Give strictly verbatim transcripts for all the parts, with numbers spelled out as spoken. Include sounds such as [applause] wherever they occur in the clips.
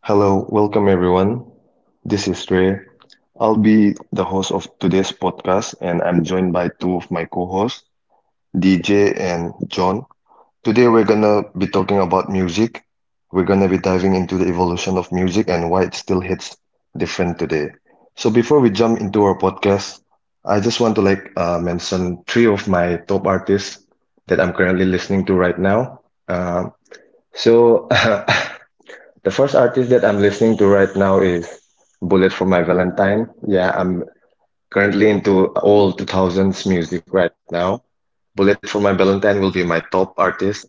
Hello, welcome everyone. This is Ray. I'll be the host of today's podcast, and I'm joined by two of my co hosts, D J and John. Today, we're gonna be talking about music. We're gonna be diving into the evolution of music and why it still hits different today. So, before we jump into our podcast, I just want to like uh, mention three of my top artists that I'm currently listening to right now. Um, so, [laughs] The first artist that I'm listening to right now is Bullet for My Valentine. Yeah, I'm currently into all two thousands music right now. Bullet for My Valentine will be my top artist.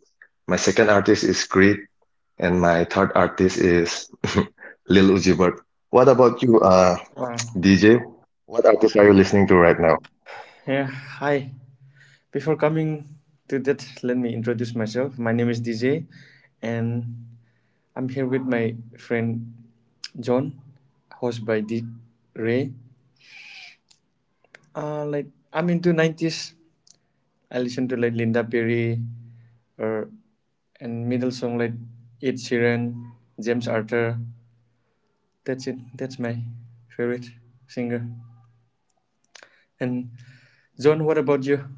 My second artist is Creed, and my third artist is [laughs] Lil Uzi Vert. What about you, uh, Uh, D J? What artist are you listening to right now? yeah, hi. Before coming to that, let me introduce myself. My name is D J, and I'm here with my friend John, host by D Ray. Uh, like I'm into nineties. I listen to like Linda Perry or and middle song like Ed Sheeran, James Arthur. That's it. That's my favorite singer. And John, what about you?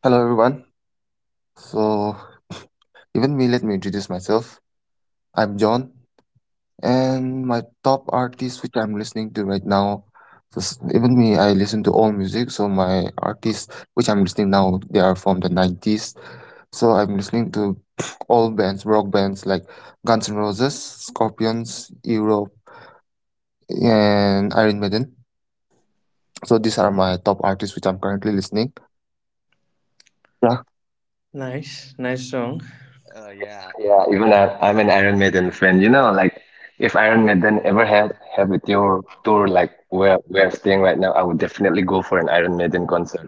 Hello, everyone. So, [laughs] even me, let me introduce myself. I'm John, and my top artist which I'm listening to right now. so s- Even me, I listen to all music. So my artists which I'm listening now, they are from the nineties. So I'm listening to [sniffs] all bands, rock bands like Guns N' Roses, Scorpions, Europe, and Iron Maiden. So these are my top artists which I'm currently listening. Yeah, Nice, nice song. Uh, yeah, yeah. Even I, I'm an Iron Maiden fan. You know, like if Iron Maiden ever had have a tour tour like where we're staying right now, I would definitely go for an Iron Maiden concert.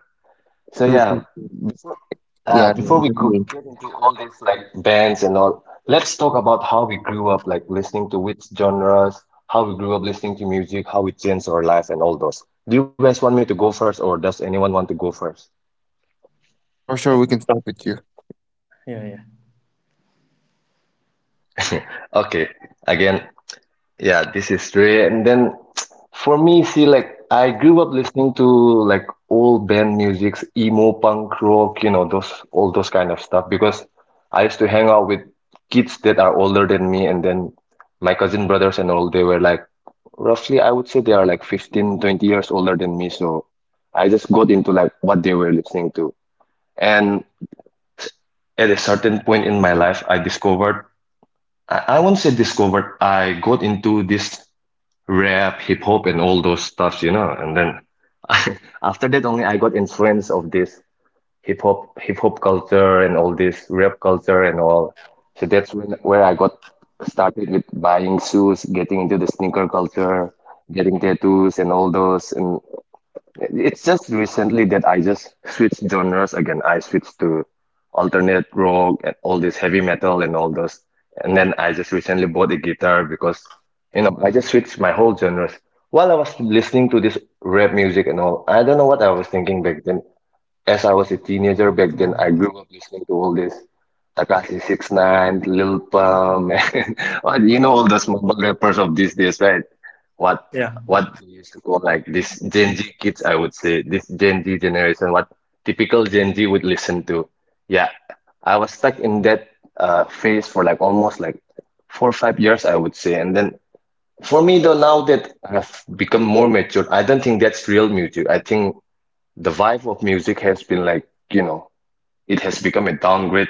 So true, yeah, true, true. before uh, Yeah, yeah, before we even go me. get into all these like bands and all, let's talk about how we grew up, like listening to which genres, how we grew up listening to music, how it changed our life, and all those. Do you guys want me to go first, or does anyone want to go first? Sure, sure. We can start with you. Yeah, yeah, Okay, again, yeah, this is true. And then for me, see, like I grew up listening to like old band musics, emo punk rock, you know, those all those kind of stuff because I used to hang out with kids that are older than me and then my cousin brothers and all, they were like roughly I would say they are like fifteen, twenty years older than me. So I just got into like what they were listening to. And at a certain point in my life, I discovered, I, I won't say discovered, I got into this rap, hip hop, and all those stuffs, you know. And then [laughs] after that, only I got influence of this hip hop, hip hop culture, and all this rap culture and all. So that's when where I got started with buying shoes, getting into the sneaker culture, getting tattoos, and all those. And it's just recently that I just switched genres again. I switched to alternate rock and all this heavy metal and all those. And then I just recently bought a guitar because, you know, I just switched my whole genres. While I was listening to this rap music and all, I don't know what I was thinking back then. As I was a teenager back then, I grew up listening to all this Takashi six nine, Lil Pump, [laughs] and well, you know all those mumble rappers of these days, right? What yeah, what they used to call like this Gen Z kids, I would say, this Gen Z generation, what typical Gen Z would listen to. Yeah, I was stuck in that uh, phase for like almost like four or five years, I would say. And then for me though, now that I've become more mature, I don't think that's real music. I think the vibe of music has been like, you know, it has become a downgrade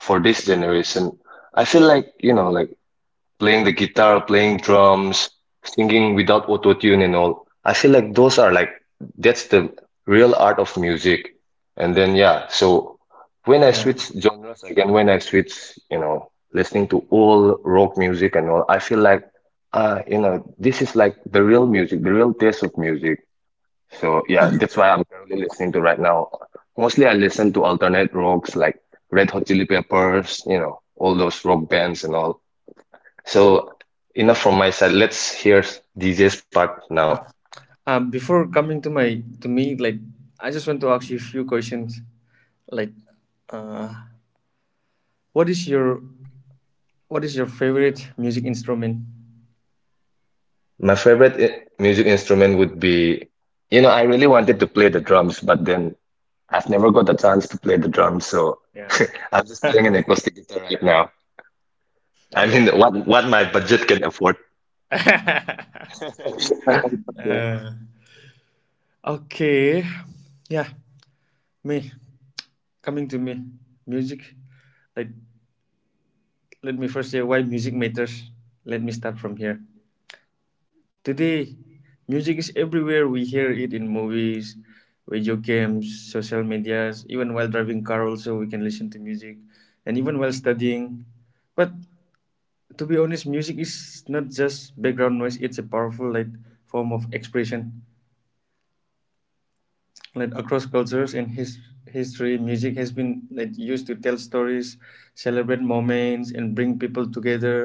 for this generation. I feel like, you know, like playing the guitar, playing drums, singing without auto-tune and all. I feel like those are like, that's the real art of music. And then, yeah, so when I yeah. switch genres again, when I switch, you know, listening to all rock music and all, I feel like, uh, you know, this is like the real music, the real taste of music. So yeah, that's why I'm currently listening to right now. Mostly I listen to alternate rocks like Red Hot Chili Peppers, you know, all those rock bands and all. So enough from my side. Let's hear DJ's part now. Um, before coming to my to me, like I just want to ask you a few questions. Like, uh, what is your what is your favorite music instrument? My favorite i- music instrument would be, you know, I really wanted to play the drums, but then I've never got the chance to play the drums, so Yeah. [laughs] I'm just playing an acoustic guitar right now. I mean, what what my budget can afford. [laughs] [laughs] [laughs] Yeah. Uh, okay. Yeah, me coming to me music. Like, let me first say why music matters. Let me start from here. Today, music is everywhere. We hear it in movies, video games, social medias, even while driving car also we can listen to music, and even while studying. But to be honest, music is not just background noise, it's a powerful like form of expression. Like across cultures and his history, music has been like used to tell stories, celebrate moments and bring people together,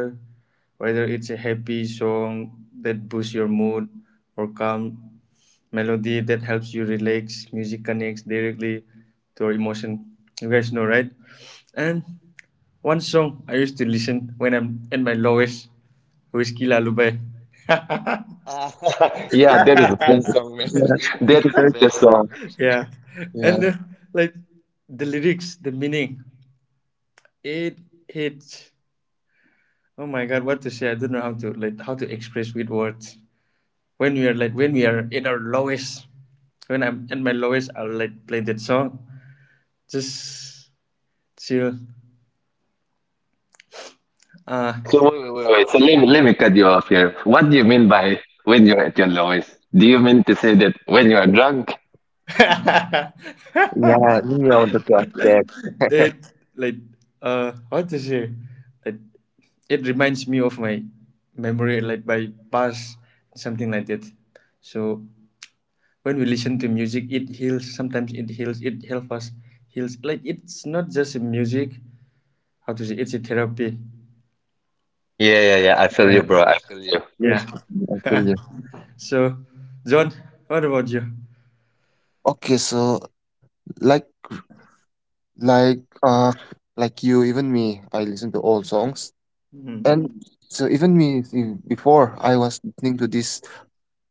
whether it's a happy song that boosts your mood or calm melody that helps you relax. Music connects directly to your emotion. You guys know, right? And one song I used to listen when I'm at my lowest, Whiskey Lullaby. Yeah, that is Yeah, yeah. It's that a is the very good best. song. [laughs] Yeah. Yeah, And uh, like the lyrics, the meaning, it hits. Oh my God, what to say? I don't know how to like how to express with words. When we are like when we are in our lowest, when I'm at my lowest, I'll like play that song. Just chill. Uh So wait, wait, wait, wait. So let me, let me cut you off here. What do you mean by when you're at your lowest? Do you mean to say that when you are drunk? [laughs] yeah, yeah, the track back. [laughs] that like uh what to say, like, it reminds me of my memory, like my past, something like that. So when we listen to music, it heals, sometimes it heals, it helps us heals, like it's not just a music, how to say, it's a therapy. Yeah, yeah, yeah. I feel you, Yeah, bro. I feel you. Yes, yeah. I feel [laughs] you. So John, what about you? Okay, so like, like, uh, like you, even me, I listen to old songs, and Hmm. so even me see, before I was listening to this,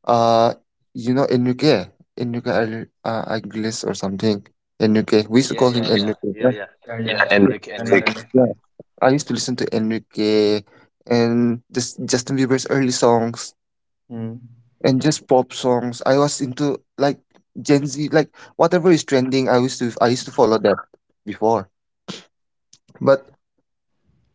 uh, you know, Enrique, Enrique Agl- uh, Aguilera or something. Enrique, we used to call him Enrique. Yeah, Yeah, Yeah, yeah, yeah, Enric, I know, Enric. I know. yeah. I used to listen to Enrique and just Justin Bieber's early songs. Hmm. And just pop songs. I was into like Gen Z, like whatever is trending. I used to I used to follow that before, but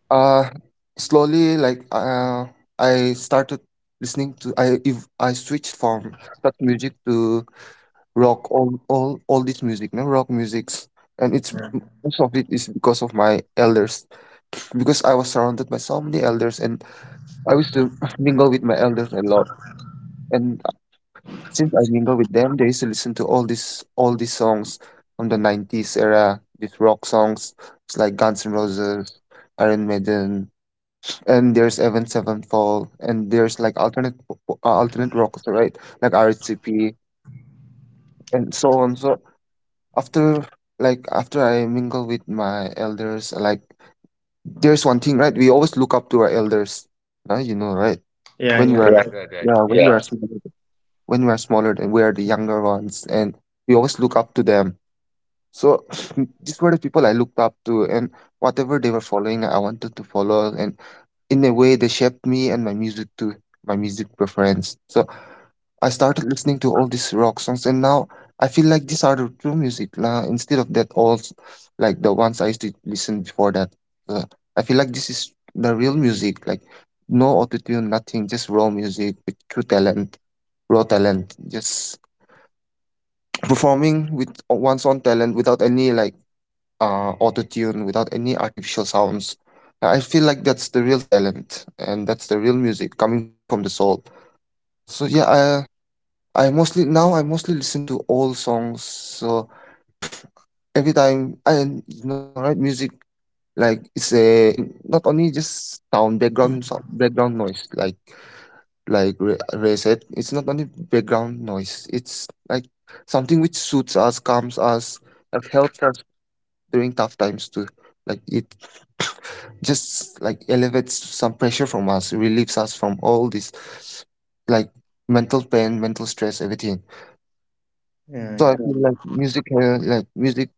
uh, slowly like uh, I started listening to I if I switched from that music to rock all all all this music, no rock musics, and it's most of it is because of my elders because I was surrounded by so many elders and I used to [laughs] mingle with my elders a lot. And since I mingle with them, they used to listen to all these all these songs from the nineties era. These rock songs, it's like Guns N' Roses, Iron Maiden, and there's Evan Sevenfold, and there's like alternate po- po- uh, alternate rock, right? Like R H C P and so on. So after like after I mingle with my elders, like there's one thing, right? We always look up to our elders, uh, you Yeah, know, yeah, right? When yeah, we're Right, right. Yeah, when Yeah, we're small. When we're smaller than we're the younger ones and we always look up to them. So [laughs] [sniffs] these were the people I looked up to, and whatever they were following I wanted to follow, and in a way they shaped me and my music too, my music preference. So I started listening to all these rock songs, and now I feel like these are the true music now, instead of that old, like the ones I used to listen before that. So I feel like this is the real music, like no autotune, nothing, just raw music with true talent, raw talent, just performing with one's own talent without any like uh auto tune, without any artificial sounds. I feel like that's the real talent, and that's the real music coming from the soul. So yeah, I I mostly now I mostly listen to old songs. So every time I, you know, right, music, like it's a in, not only just sound background so, background noise, like like Ray Ray said, it's not only background noise, it's like something which suits us, calms us, like helps us during tough times too. Like it [coughs] just like elevates some pressure from us, relieves us from all this like mental pain, mental stress, everything. yeah, So I yeah. yeah, feel like music, uh, like music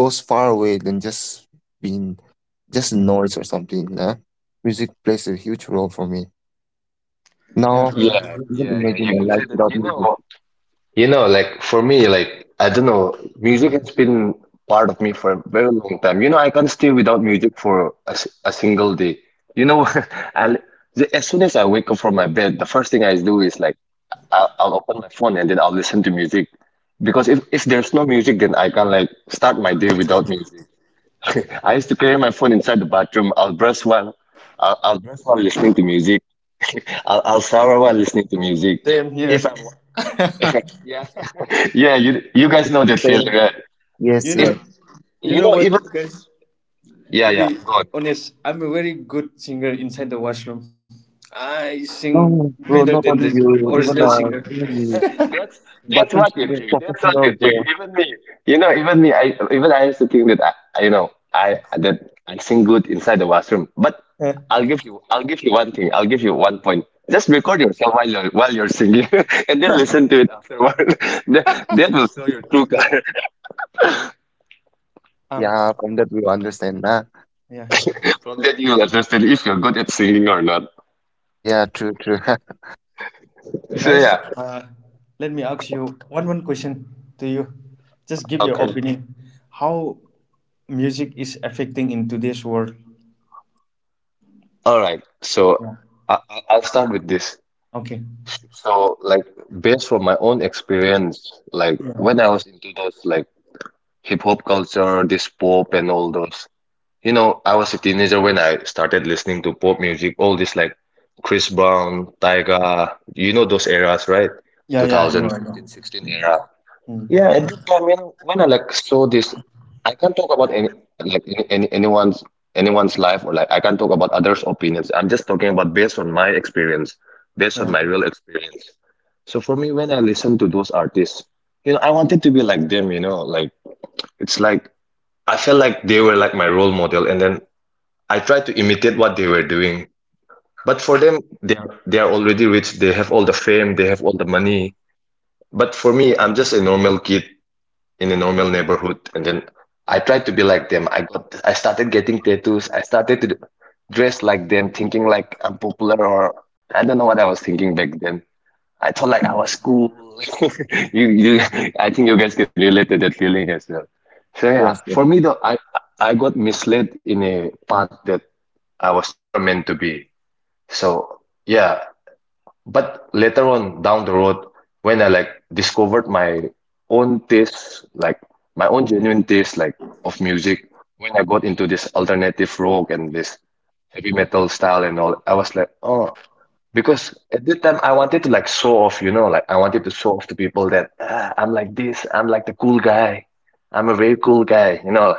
goes far away than just being just noise or something. Nah? Music plays a huge role for me. Yeah, Now, [laughs] I yeah, man. can't even yeah, yeah. You imagine a could life say that, without you music. know. You know, like for me, like I don't know, music has been part of me for a very long time. You know, I can't stay without music for a, s- a single day. You know, [laughs] and the- as soon as I wake up from my bed, the first thing I do is like. I'll, I'll open my phone and then I'll listen to music. Because if, if there's no music, then I can't like start my day without music. [laughs] I used to carry my phone inside the bathroom. I'll brush while I'll, I'll brush while listening to music. I'll, I'll shower while listening to music. Same If here. I'm [laughs] yeah, Yeah, you you guys it's know the that feeling, same. right? You Yes, know, If yes. you know you know what, even guys? To yeah yeah be go on. honest, I'm a very good singer inside the washroom. I sing No, better bro, than not the only you, original even singer. uh, [laughs] even the That's that's bathroom what you singer, think. That's what professional, you think. bro. Even me, you know, even me, I even I used to think that I, I- you know, I that I sing good inside the washroom. But Uh, I'll give you, I'll give you one thing. I'll give you one point. Just record yourself while you're while you're singing, [laughs] and then listen to it afterward. [laughs] that, that will show your true color. ah, Yeah, from that we understand. Nah. yeah, [laughs] From that, you'll understand if you're good at singing or not. Yeah, yeah, true, true. [laughs] So yeah, guys. Uh, let me ask you one one question to you. Just give Sure, your okay. sure. opinion. How music is affecting in today's world? So Yeah. I, I- I'll start with this. Okay. So like based from my own experience, like when I was into those like hip hop culture, this pop and all those. You know, I was a teenager when I started listening to pop music, all this like Chris Brown, Tyga, you know those eras, right? Yeah, Two yeah, I know, thousand, I know. fifteen, sixteen era. Yeah, Mm. at that time, you know, when I like saw this, I can't talk about any like any, any anyone's anyone's life or like I can't talk about others' opinions. I'm just talking about based on my experience, based on Yeah. my real experience. So for me, when I listen to those artists, you know, I wanted to be like them, you know, like it's like I felt like they were like my role model, and then I tried to imitate what they were doing. But for them, they are, they are already rich. They have all the fame. They have all the money. But for me, I'm just a normal kid in a normal neighborhood, and then I tried to be like them. I got I started getting tattoos. I started to dress like them, thinking like I'm popular, or I don't know what I was thinking back then. I thought like I was cool. [laughs] You, you, I think you guys can relate to that feeling as well. So yeah, Yes, yes. for me though, I I got misled in a path that I was never meant to be. So yeah, but later on down the road, when I like discovered my own taste, like my own genuine taste, like of music, when I got into this alternative rock and this heavy metal style and all, I was like, oh, because at that time I wanted to like show off, you know, like I wanted to show off to people that ah, I'm like this, I'm like the cool guy, I'm a very cool guy, you know,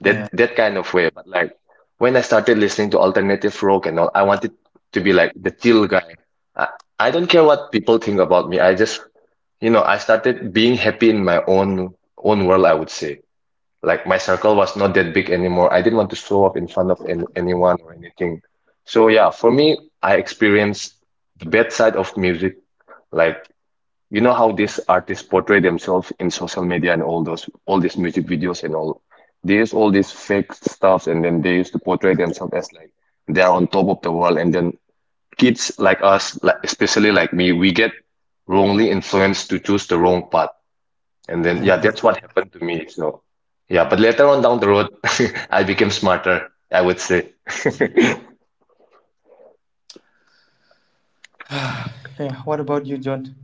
that Yeah. that kind of way. But like when I started listening to alternative rock and all, I wanted to be like the chill guy. I, I don't care what people think about me. I just, you know, I started being happy in my own own world, I would say. Like my circle was not that big anymore. I didn't want to show up in front of any, anyone or anything. So yeah, for me, I experienced the bad side of music. Like you know how these artists portray themselves in social media and all those all these music videos and all. They use all these fake stuff and then they used to portray themselves as like they are on top of the world and then kids like us, like especially like me, we get wrongly influenced to choose the wrong path. And then, yeah, that's what happened to me. So, yeah, but later on down the road, [laughs] I became smarter, I would say. [laughs] [sighs] Yeah. What about you, John?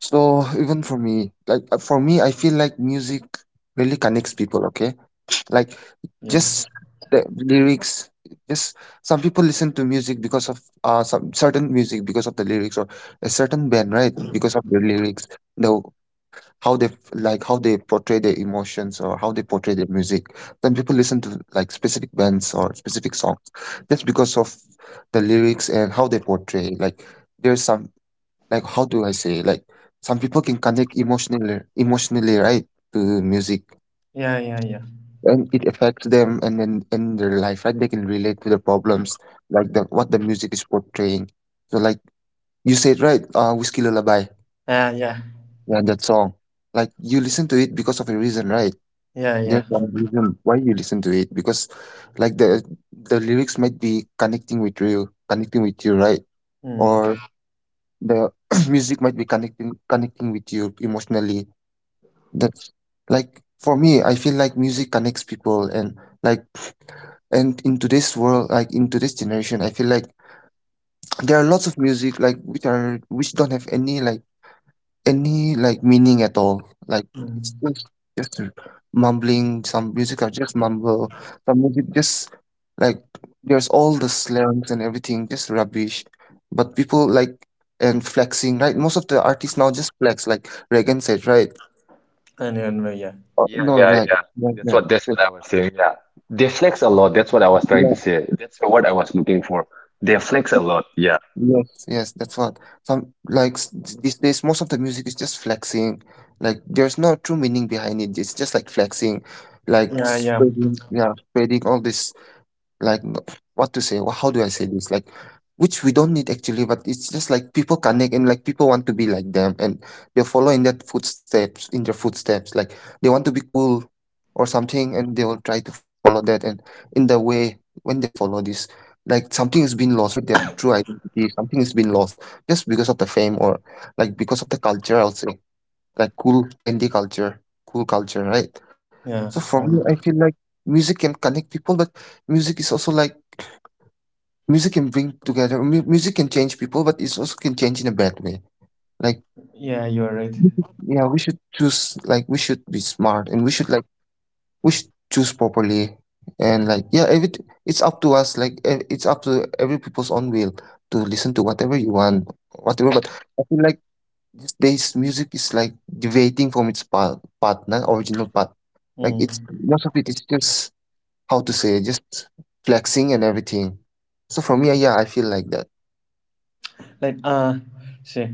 So even for me, like uh, for me, I feel like music really connects people, okay? Like Yeah. just the lyrics, just some people listen to music because of uh some certain music because of the lyrics or a certain band, right? Because of the lyrics. The how they f- like how they portray their emotions or how they portray their music, then people listen to like specific bands or specific songs just because of the lyrics and how they portray like there's some, like how do I say like some people can connect emotionally emotionally, right, to music, Yeah, yeah, yeah. and it affects them and then in their life, right, they can relate to the problems, like the what the music is portraying. So like you said, right, uh, Whiskey Lullaby, Yeah, yeah. yeah, that song, like you listen to it because of a reason, right? Yeah, There's yeah. one reason why you listen to it because, like, the the lyrics might be connecting with you, connecting with you, right? Mm. Or the [clears throat] music might be connecting connecting with you emotionally. That's like for me, I feel like music connects people. And like and in today's world, like in today's generation, I feel like [tsk] there are lots of music like which are which don't have any like any, like, meaning at all. Like, it's Mm. just just a mumbling. Some music are just mumble. Some music just like there's all the slangs and everything, just rubbish. But people like and flexing, right? Most of the artists now just flex, like Reagan said, right? And, and uh, yeah. Uh, Yeah, no, yeah, like, yeah. That's like, what that's what I was saying. Yeah. They flex a lot. That's what I was trying to like, say. That's the word I was looking for. They flex a lot. Yeah. Yes, yes, that's what. Some like s- these days, most of the music is just flexing. Like there's no true meaning behind it. It's just like flexing, like Yeah, yeah. spreading, yeah, spreading all this like n- what to say wha- how do I say this like which we don't need actually, but it's just like people connect and like people want to be like them, and they're following that footsteps, in their footsteps, like they want to be cool or something, and they will try to follow that. And in the way when they follow this, like something is being lost, right, their true identity, something is being lost just because of the fame or like because of the culture, I'll say, like cool trendy culture, cool culture, right. So Yeah. for me I Um, feel like music can connect people, but music is also like music can bring together mu music can change people, but it also can change in a bad way. Like, yeah, you're right. we should yeah, we should choose, like, we should be smart, and we should, like, we should choose properly. And, like, yeah, every, it's up to us, like, e it's up to every people's own will to listen to whatever you want, whatever. But I feel like these days music is, like, deviating from its pa partner, original path. Like, it's Mm. most of it is just, how to say, just flexing and everything. So for me, yeah, I feel like that. Like uh see.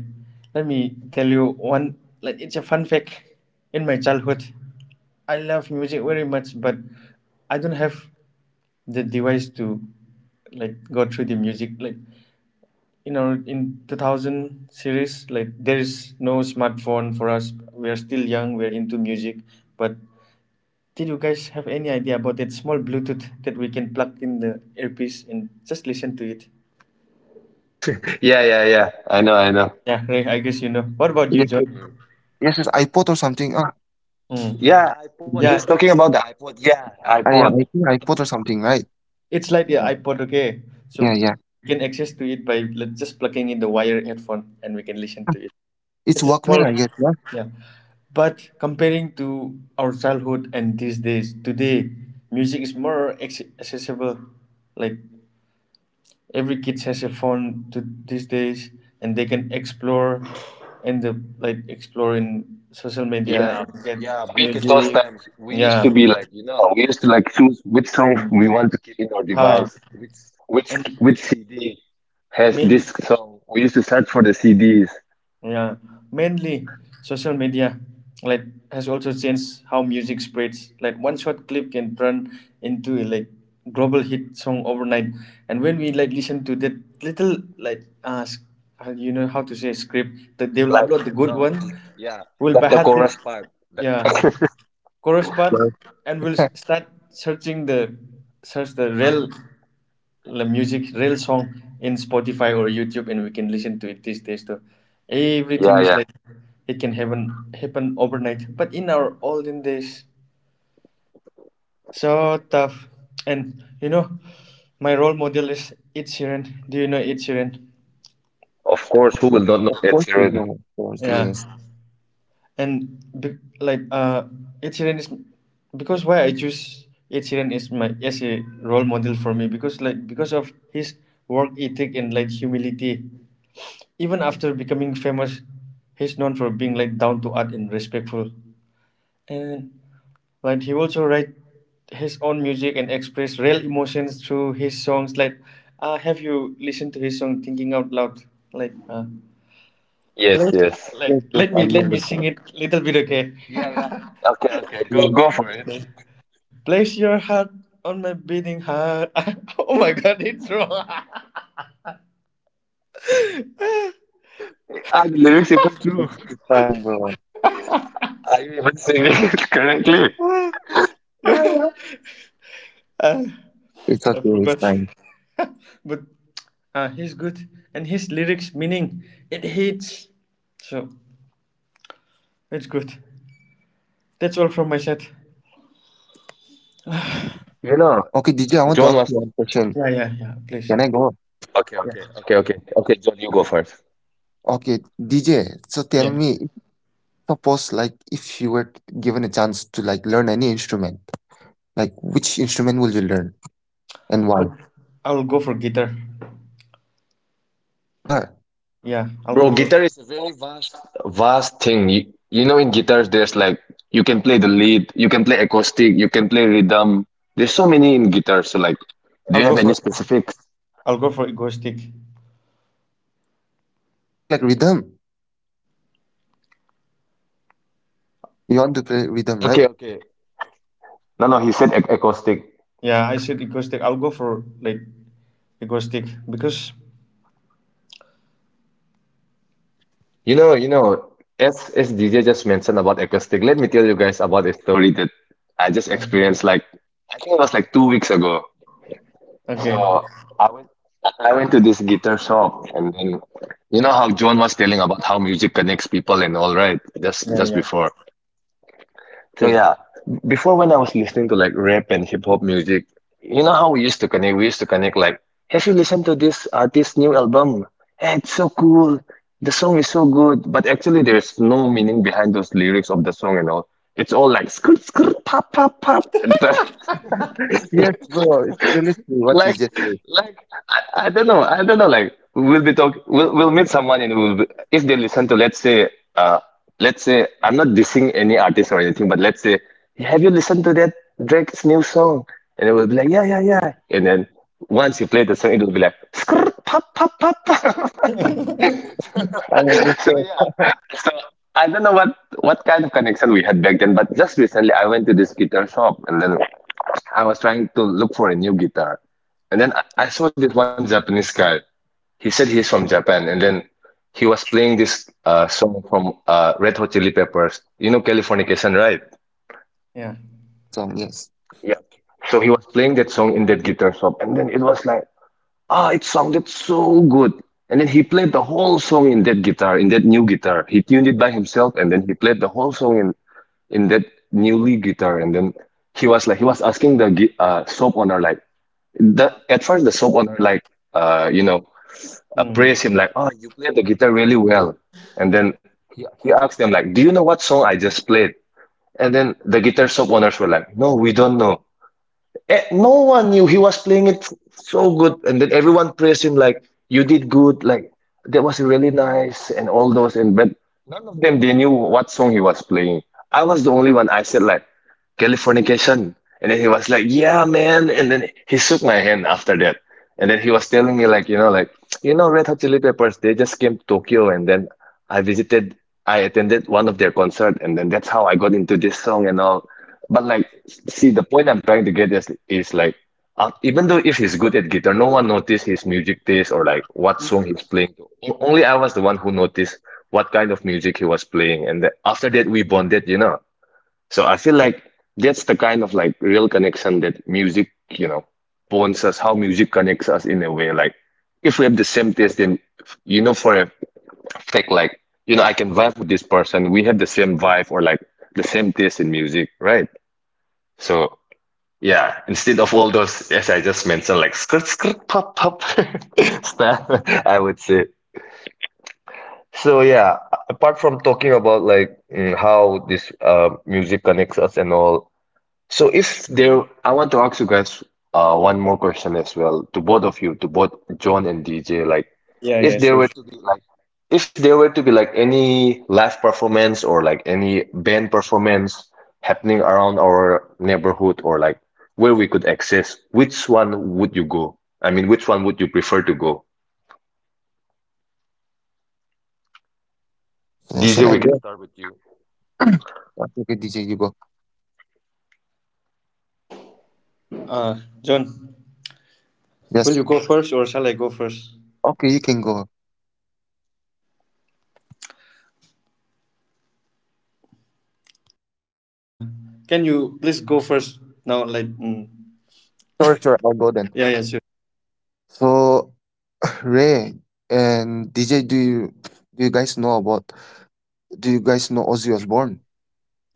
Let me tell you one, like it's a fun fact. In my childhood, I love music very much, but I don't have the device to like go through the music. Like you know, in two thousand series, like there is no smartphone for us. We are still young. We're into music, but did you guys have any idea about that small Bluetooth that we can plug in the earpiece and just listen to it? Yeah, yeah, yeah. I know, I know. Yeah, Ray, I guess you know. What about you, Yeah. John? Yes, yes, iPod or something. Ah, Hmm. Yeah, iPod. yeah. He's Yeah, talking it's about the iPod. Yeah, I yeah, iPod. I think iPod or something, right? it's like the Yeah, iPod, okay? So yeah, yeah. we can access to it by li- just plugging in the wire headphone and we can listen Ah, to it. it's It's a Walkman, small, I guess, yeah? yeah. But comparing to our childhood and these days, today, music is more acc- accessible. Like every kid has a phone to these days and they can explore in the like explore in social media Yeah, and get yeah. Back in those music. times, we used Yeah, to be like, you know, we used to like choose which song we want to keep in our huh. device, which which And which C D has this main, song. We used to search for the C Ds. yeah, mainly social media like has also changed how music spreads. Like one short clip can turn into a like global hit song overnight. And when we like listen to that little like uh s- uh, you know how to say script that they will upload the good one, The, we'll the behind it, chorus part. yeah, chorus part, Yes, and we'll s- start searching the search the real, the music, real song in Spotify or YouTube, and we can listen to it. These days, too, everything is like it can happen happen overnight, but in our olden days, so tough. And you know, my role model is Ed Sheeran. Do you know Ed Sheeran? Of course, yes, who will yes. not Of know Ed course you Sheeran? know, of course, Yeah, yes. and be, like uh Ed Sheeran is, because why I choose Ed Sheeran is my, as a role model for me, because like because of his work ethic and like humility. Even after becoming famous, he's known for being like down to earth and respectful. And like he also write his own music and express real emotions through his songs. Like, uh, have you listened to his song "Thinking Out Loud"? Like, uh, Yes, please, yes. like Yes, yes, let I me know let me the sing song. it little bit, okay? Yeah. [laughs] Okay, okay. Sorry, Go it's go for it. Place your heart on my beating heart. [laughs] Oh my God, it's wrong. Are the lyrics even fine, true? it's fine, bro. Are you even singing it [laughs] correctly? [laughs] Uh, It's I okay, it's forgot. fine. [laughs] But Uh, he's good, and his lyrics meaning, it hits. So it's good. That's all from my set. You know, Okay, D J, I want to John ask was you one question. Yeah, yeah, yeah. Please. Can I go? okay, Yeah, okay, okay, okay, okay. John, you go first, Okay, D J, so tell yeah. me, suppose like if you were given a chance to like learn any instrument, like which instrument will you learn, and why? I'll, I'll go for guitar. Guitar, Yeah, I'll go bro. for. Guitar vast thing. You, you know, in guitars, there's like you can play the lead, you can play acoustic, you can play rhythm. There's so many in guitars. So like, do I'll you go have any for. specifics? I'll go for ego stick. acoustic, like rhythm. You want to play rhythm, Okay, right? okay. No, no, he said ac acoustic. Yeah, I said ego stick. I'll go for like ego stick because. You know, you know, as as D J just mentioned about acoustic, let me tell you guys about a story that I just experienced, like I think it was like two weeks ago. Okay. So I went I went to this guitar shop, and then you know how John was telling about how music connects people and all, right, just just Yeah, before. Yes, So yes. yeah, before when I was listening to like rap and hip hop music, you know how we used to connect? We used to connect like, have you listened to this artist's new album? Hey, it's so cool. The song is so good. But actually, there's no meaning behind those lyrics of the song and all. It's all like skirt, skirt, pop, pop, pop. [laughs] Yes, bro. It's really true what you like just said. like I, I don't know, I don't know like we'll be talk we'll, we'll meet someone, and we'll be, if they listen to, let's say, uh let's say, I'm not dissing any artist or anything, but let's say, have you listened to that Drake's new song? And it will be like, yeah yeah yeah. And then once you play the song, it will be like, "Skrrt, pop pop pop." yeah. I [laughs] So understand. yeah, so I don't know what what kind of connection we had back then, but just recently I went to this guitar shop, and then I was trying to look for a new guitar. And then I, I saw this one Japanese guy. He said he's from Japan, and then he was playing this uh, song from uh, Red Hot Chili Peppers. You know Californication, right? Yes, [laughs] Yeah. yes, I know the song, yes. Yeah. So he was playing that song in that guitar shop, and then it was like, ah, it sounded so good. And then he played the whole song in that guitar, in that new guitar. He tuned it by himself, and then he played the whole song in in that newly guitar. And then he was like, he was asking the gui- uh, soap owner like, the at first the shop owner like, uh, you know, uh, praise Hmm. him like, "Oh, you played the guitar really well." And then he, he asked them like, "Do you know what song I just played?" And then the guitar shop owners were like, "No, we don't know." Eh, no one knew he was playing it so good, and then everyone praised him like, "You did good, like that was really nice," and all those. And but of them they knew what song he was playing. I was the only one. I said like Californication, and then he was like, "Yeah, man." And then he shook my hand after that, and then he was telling me like, you know, like you know, Red Hot Chili Peppers. They just came to Tokyo, and then I visited, I attended one of their concert, and then that's how I got into this song and all. But like, see, the point I'm trying to get is is like. Uh, even though if he's good at guitar, no one noticed his music taste or like what song he's playing. O- Only I was the one who noticed what kind of music he was playing. And the, after that, we bonded, you know. So I feel like that's the kind of like real connection that music, you know, bonds us, how music connects us in a way. Like, if we have the same taste, then you know for a fact, like, you know, I can vibe with this person. We have the same vibe or like the same taste in music, right? So yeah, instead of all those, as I just mentioned, like skirt skirt pop pop [laughs] stuff, I would say. So yeah, a- apart from talking about like mm, how this uh, music connects us and all, so if there, I want to ask you guys uh, one more question as well to both of you, to both John and D J. Like, Yeah, yeah, if sure, there were sure. to be like, if there were to be like any live performance or like any band performance happening around our neighborhood or like where we could access, which one would you go? I mean, which one would you prefer to go? So D J, shall I we can go? Okay, okay, D J, you go. Uh, John, will Yes. you go first or shall I go first? Okay, you can go. Uh, can you please go first now? Like, mm. Sure, sure, I'll go then. Yeah, yeah, sure. So [clears throat] [sighs] Ray and D J, do you do you guys know about do you guys know Ozzy Osbourne?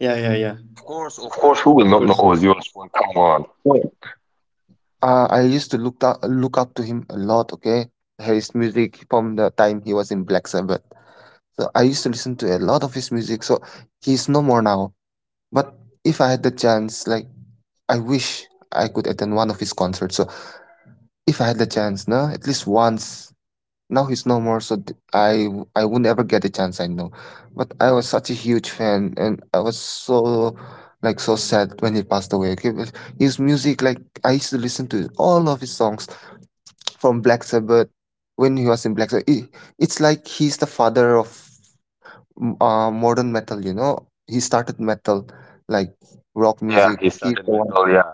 Yeah, yeah, yeah. of course, of course, who will Of not know course. Ozzy Osbourne? Come on. Well, uh, I used to look up look up to him a lot, okay? His music from the time he was in Black Sabbath. So I used to listen to a lot of his music, so he's no more now. But if I had the chance, like I wish I could attend one of his concerts. So if I had the chance, no, at least once. Now he's no more, so th- I I would never get a chance. I know, but I was such a huge fan, and I was so like so sad when he passed away. Okay, but his music, like I used to listen to all of his songs from Black Sabbath when he was in Black Sabbath. It, it's like he's the father of m- uh, modern metal. You know, he started metal like rock Yeah, yeah, music. he He's started the one. metal. Yeah,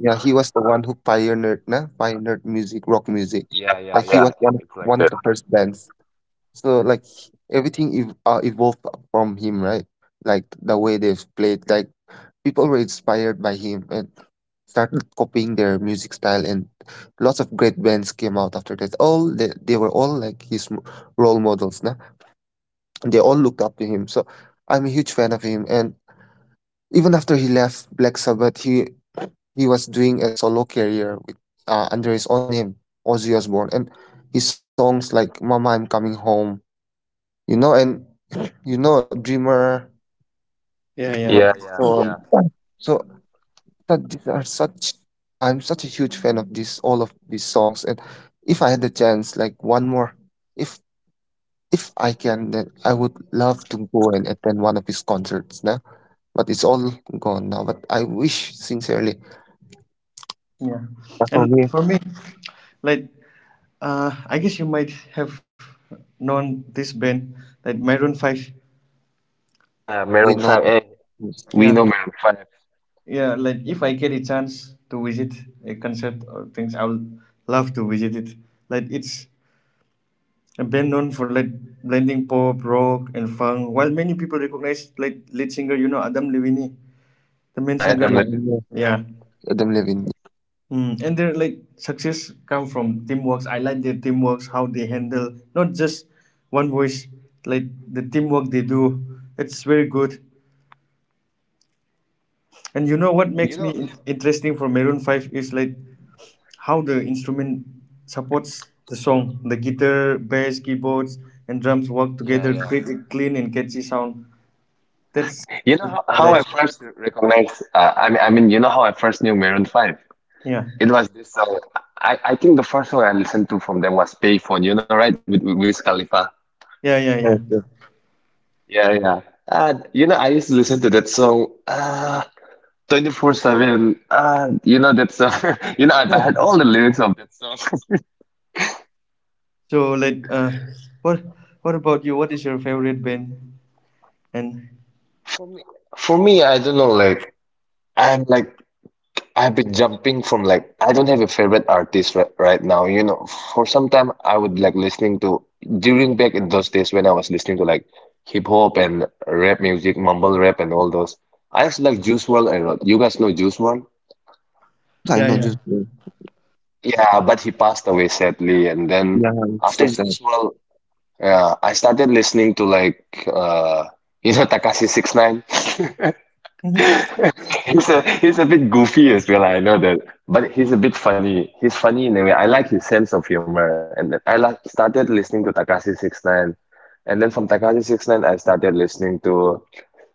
Yeah, he was the one who pioneered, na, pioneered music, rock music. yeah, yeah, Like he yeah. was Like, one one of the first bands. So like he- everything ev- uh, evolved from him, right? Like the way they've played, like people were inspired by him and started copying their music style, and lots of great bands came out after that. All they, they were all like his m- role models, na. And they all looked up to him. So I'm a huge fan of him, and even after he left Black Sabbath, he he was doing a solo career with uh, under his own name, Ozzy Osbourne, and his songs like "Mama, I'm Coming Home," you know, and [laughs] [clears throat] you know, "Dreamer," Yeah, "Dreamer." yeah. yeah, yeah, So, um, yeah. so that these are such. I'm such a huge fan of this, all of these songs, and if I had the chance, like one more, if if I can, then I would love to go and attend one of his concerts. Nah, but it's all gone now. But I wish sincerely. Yeah. But for me, And for me, like, uh, I guess you might have known this band, like Maroon five. yes, Yeah, bro, we Maroon know. five. Hey, we know Yeah. Maroon five. Yeah, like if I get a chance to visit a concert or things, I will love to visit it. Like it's a band known for like blending pop, rock, and funk. While many people recognize like lead singer, you know, Adam Levine, the main Yeah. Yes, singer. yeah, I know. Yeah. Adam Levine. Mm, and their like success come from teamworks. I like their teamworks, how they handle not just one voice, like the teamwork they do. It's very good. And you know what You makes me know, in- interesting for Maroon Five is like how the instrument supports the song. The guitar, bass, keyboards, and drums work together to create a clean and catchy sound. That's you know the thing how, I how like. I first recognized, uh, I mean, I mean, you know how I first knew Maroon five? Yeah, It was this song. I, I think the first song I listened to from them was Payphone, you know, right? With, with Wiz Khalifa. yeah, yeah, yeah. Yes, yes. Yeah, yeah. Uh, you know, I used to listen to that song. Uh, twenty-four seven. Uh, you know that song. [laughs] You know, I I had all the lyrics of that song. [laughs] So like, uh, what what about you? What is your favorite band? And For me, for me, I don't know. Like, I'm like, I've been jumping from like, I don't have a favorite artist right, right now. You know, for some time, I would like listening to during back in those days when I was listening to like hip hop and rap music, mumble rap, and all those. I used to like Juice world a lot. You guys know Juice world? Of course, I yeah, know. yeah. Just uh, Yeah, but he passed away sadly. And then yeah, it's so after sad. Juice world, yeah, I started listening to like uh [laughs] you know Takashi Six Nine. Mm-hmm. Yeah, [laughs] yeah. He's a he's a bit goofy as well, I know that. But he's a bit funny. He's funny in a way. I like his sense of humor. And then I like started listening to Takashi Six Nine, and then from Takashi Six Nine, I started listening to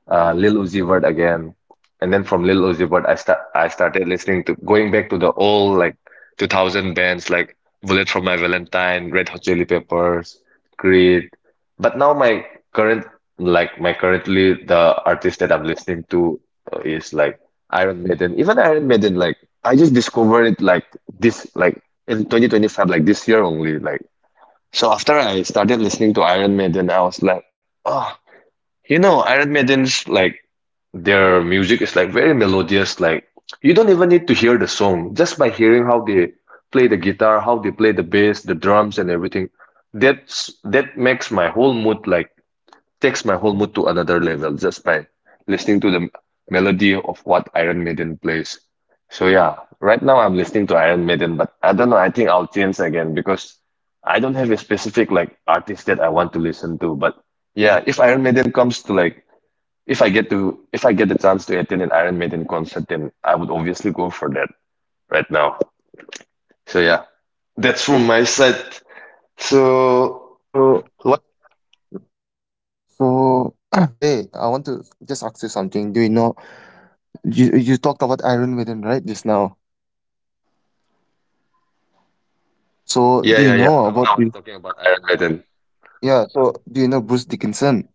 uh, Lil Uzi Vert again, and then from Lil Uzi Vert, I start I started listening to going back to the old like two thousand bands like Bullet for My Valentine, Red Hot Chili Peppers, Creed. But now my current like my currently the artist that I'm listening to uh, is like Iron Maiden. Even Iron Maiden, like I just discovered it like this like in twenty twenty-five, like this year only. Like so after I started listening to Iron Maiden, I was like, oh, you know, Iron Maiden's like their music is like very melodious. Like you don't even need to hear the song just by hearing how they play the guitar, how they play the bass, the drums, and everything. That's that makes my whole mood like takes my whole mood to another level just by listening to the m- melody of what Iron Maiden plays. So yeah, right now I'm listening to Iron Maiden, but I don't know. I think I'll change again because I don't have a specific like artist that I want to listen to. But yeah, if Iron Maiden comes to like if I get to, if I get the chance to attend an Iron Maiden concert, then I would obviously go for that right now. So yeah, that's from my side. So So, what? so [clears throat] Ray, I want to just ask you something. Do you know you you talked about Iron Maiden right just now? So, Yeah, do you yeah, yeah. know I, about I was the, talking about Iron Maiden. yeah? So, do you know Bruce Dickinson?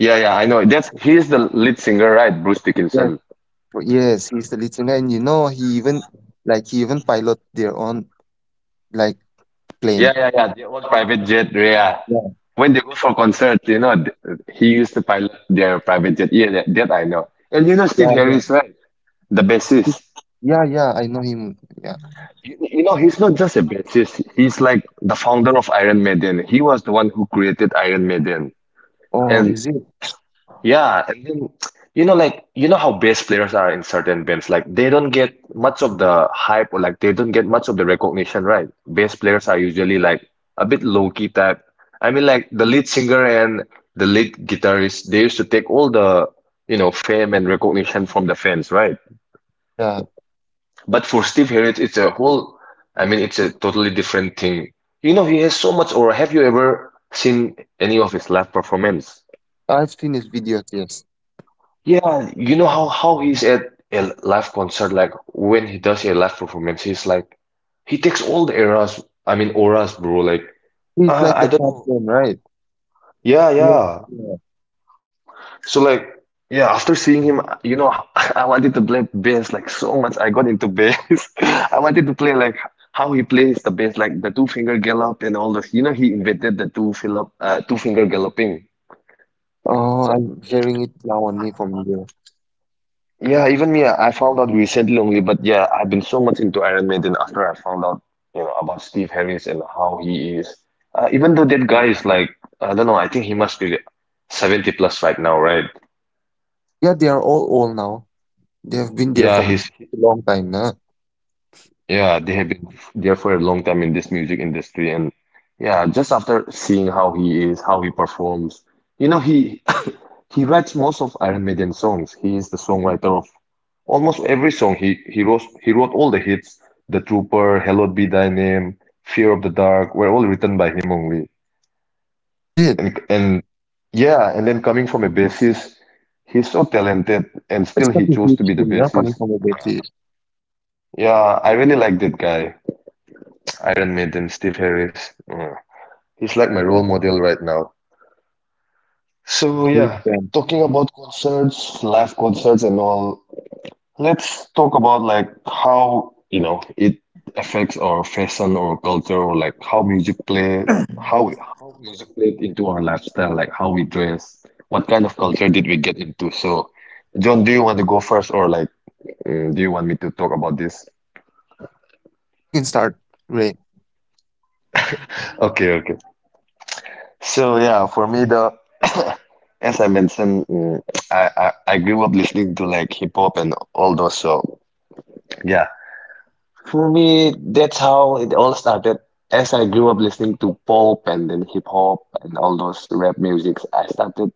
Yeah, yeah, I know. That's he's the lead singer, right? Bruce Yes, Dickinson. Bru- yes, he's the lead singer, and you know he even like he even pilot their own like Yeah, plane. yeah, yeah. The old private jet. Yeah. Yeah, When they go for concert, you know, th- he used to pilot their private jet. Yeah, that, that I know. And you know Steve yeah, yeah. Harris, right? The He- bassist. Yeah, yeah, I know him. Yeah. You, you know, he's not just a bassist. He's like the founder of Iron Maiden. He was the one who created Iron Maiden. Oh, And is it? yeah, and then you know, like you know how bass players are in certain bands. Like they don't get much of the hype or like they don't get much of the recognition, right? Bass players are usually like a bit low key type. I mean, like the lead singer and the lead guitarist, they used to take all the you know fame and recognition from the fans, right? Yeah, yeah. But for Steve Harriott, it's a whole, I mean, it's a totally different thing. You know, he has so much, or have you ever seen any of his live performance? I've seen his videos, yes. Yeah, you know how how he's at a live concert, like when he does a live performance, he's like he takes all the eras, I mean auras, bro. Like, He's uh, like I the don't fat know. one, right? Yeah, Yes. yeah. Yeah. So like, yeah, after seeing him, you know, [laughs] I wanted to play bass like so much. I got into bass. [laughs] I wanted to play like how he plays the bass, like the two finger gallop and all this. You know, he invented the two fillop, uh, two finger galloping. Oh, I'm hearing it now only from you. Yeah, even me, I found out recently only, but yeah, I've been so much into Iron Maiden after I found out, you know, about Steve Harris and how he is. Uh, even though that guy is like, I don't know, I think he must be seventy plus right now, right? Yeah, they are all old now. They have been there Yeah, from he's. a long time now. Yeah, they have been f- there for a long time in this music industry, and yeah, just after seeing how he is, how he performs, you know, he [clears throat] he writes most of Iron Maiden songs. He is the songwriter of almost every song. He he wrote he wrote all the hits: The Trooper, Hallowed Be Thy Name, Fear of the Dark, were all written by him only. Oh, was it? And and yeah, and then coming from a bassist, he's so talented, and It's still he such a chose to huge be the thing now coming bassist. from a basis. Yeah, I really like that guy, Iron Maiden, Steve Harris. Mm. He's like my role model right now. Even me, I'm a So huge yeah, fan. talking about concerts, live concerts and all, let's talk about like how, you know, it affects our fashion or culture or like how music play, how how music played into our lifestyle, like how we dress, what kind of culture did we get into? So, John, do you want to go first or like, uh, do you want me to talk about this? Okay, you can start, Ray. Okay, okay. So yeah, for me the [coughs] as I mentioned, mm, I, I I grew up listening to like hip hop and all those. So yeah, for me that's how it all started. As I grew up listening to pop and then hip hop and all those rap musics, I started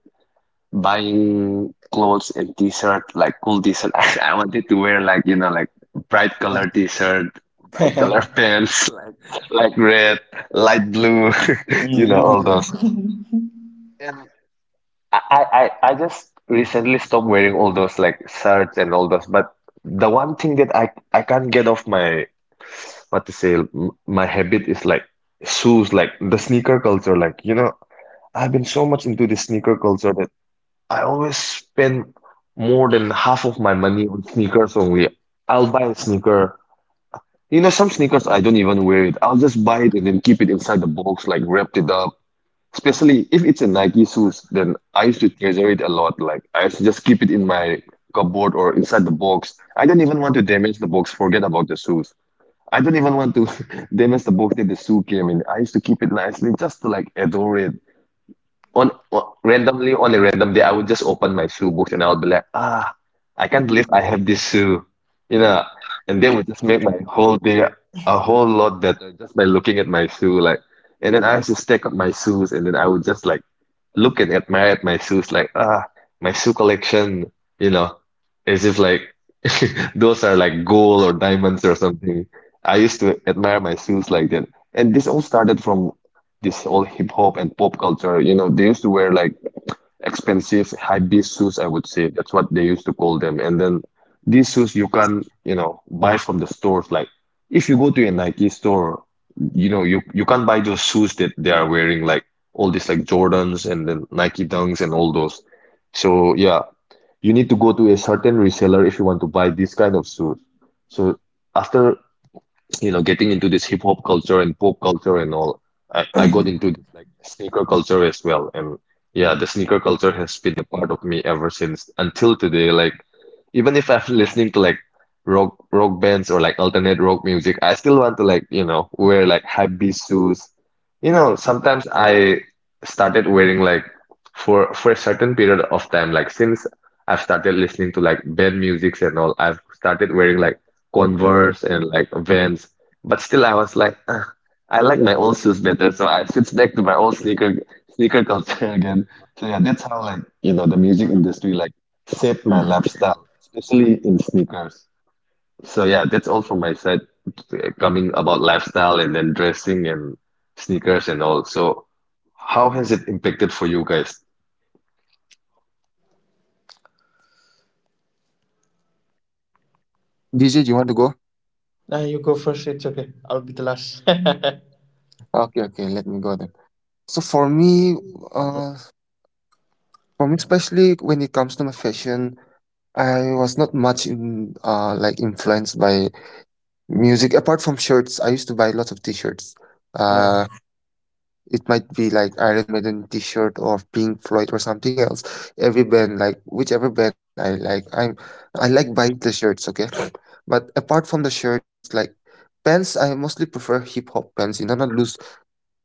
buying clothes and t-shirt like cool t-shirt. [laughs] I, I wanted to wear like you know like bright Yeah. color t-shirt, bright color [laughs] pants, [laughs] like like red, light blue, [laughs] you know all Mhm. those. I, I, I I just recently stopped wearing all those like shirts and all those, but the one thing that I, I can't get off my what to say m- my habit is like shoes, like the sneaker culture. Like, you know, I've been so much into the sneaker culture that I always spend more than half of my money on sneakers only. I'll buy a sneaker. You know, some sneakers I don't even wear it. I'll just buy it and then keep it inside the box, like wrapped it up. Especially if it's a Nike shoes, then I used to treasure it a lot. Like I used to just keep it in my cupboard or inside the box. I don't even want to damage the box. Forget about the shoes. I don't even want to [laughs] damage the box that the shoe came in. I used to keep it nicely just to like adore it. On, on randomly on a random day, I would just open my shoe box and I would be like, ah, I can't believe I have this shoe, you know. And that would just make my whole day a whole lot better just by looking at my shoe, like. And then I used to stack up my shoes, and then I would just like look and admire at my shoes like, ah, my shoe collection, you know, as if like [laughs] those are like gold or diamonds or something. I used to admire my shoes like that. And this all started from this whole hip hop and pop culture. You know, they used to wear like expensive high beast shoes, I would say. That's what they used to call them. And then these shoes you can, you know, buy from the stores. Like if you go to a Nike store, you know, you you can't buy those shoes that they are wearing, like all these like Jordans and then Nike Dunks and all those. So yeah, you need to go to a certain reseller if you want to buy this kind of shoes. So after, you know, getting into this hip hop culture and pop culture and all, I, I got into this like sneaker culture as well. And yeah, the sneaker culture has been a part of me ever since until today. Like even if I'm listening to like rock rock bands or like alternate rock music, I still want to like, you know, wear like hypebeast shoes. You know, sometimes I started wearing like for for a certain period of time, like since I've started listening to like band musics and all, I've started wearing like Converse and like Vans. But still, I was like, "Ugh, I like my old shoes better," so I switched back to my old sneaker sneaker culture [laughs] again. So yeah, that's how like you know the music industry like shaped my lifestyle, especially in sneakers. So yeah, that's all from my side, uh, coming about lifestyle and then dressing and sneakers and all. So how has it impacted for you guys? D J, do you want to go? [laughs] Nah, you go first. It's okay. I'll be the last. Okay, okay, let me go then. So for me, uh, for me especially when it comes to my fashion, I was not much in uh like influenced by music apart from shirts. I used to buy lots of t-shirts. [laughs] Uh, Oh, It might be like Iron Maiden T-shirt or Pink Floyd or something else. Every band, like whichever band I like, I'm I like buying the shirts. Okay, [sniffs] but apart from the shirts, like pants, I mostly prefer hip hop pants. You know, not loose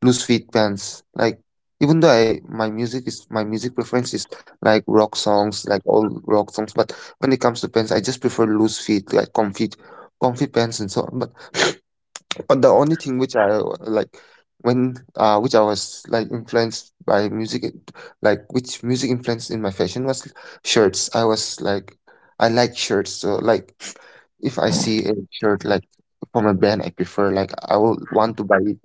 loose fit pants. Like even though I my music is my music preference is like rock songs, like all rock songs. But when it comes to pants, I just prefer loose fit, like comfy comfy pants and so on. But but the only thing which I w- like when uh which I was like influenced by music it- like which music influenced in my fashion was shirts. I was like I like shirts. So like if I see a shirt like from a brand I prefer, like I will want to buy it,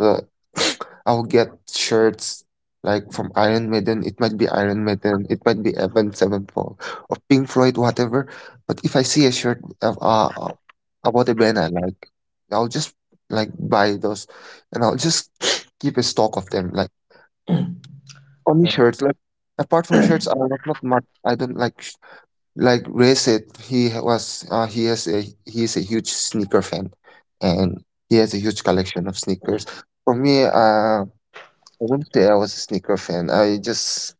uh, [sighs] [sniffs] I'll get shirts like from Iron Maiden. It might be Iron Maiden. It might be Avenged Sevenfold or Pink Floyd, whatever. But if I see a shirt of, uh, about a band I like, I'll just like buy those, and I'll just [sniffs] keep a stock of them. Like only yeah. shirts. Like apart from shirts, I love not much. I don't like sh- like Ray said. He ha- was uh, he has a he is a huge sneaker fan, and he has a huge collection of sneakers. For me, uh. I wouldn't say I was a sneaker fan. I just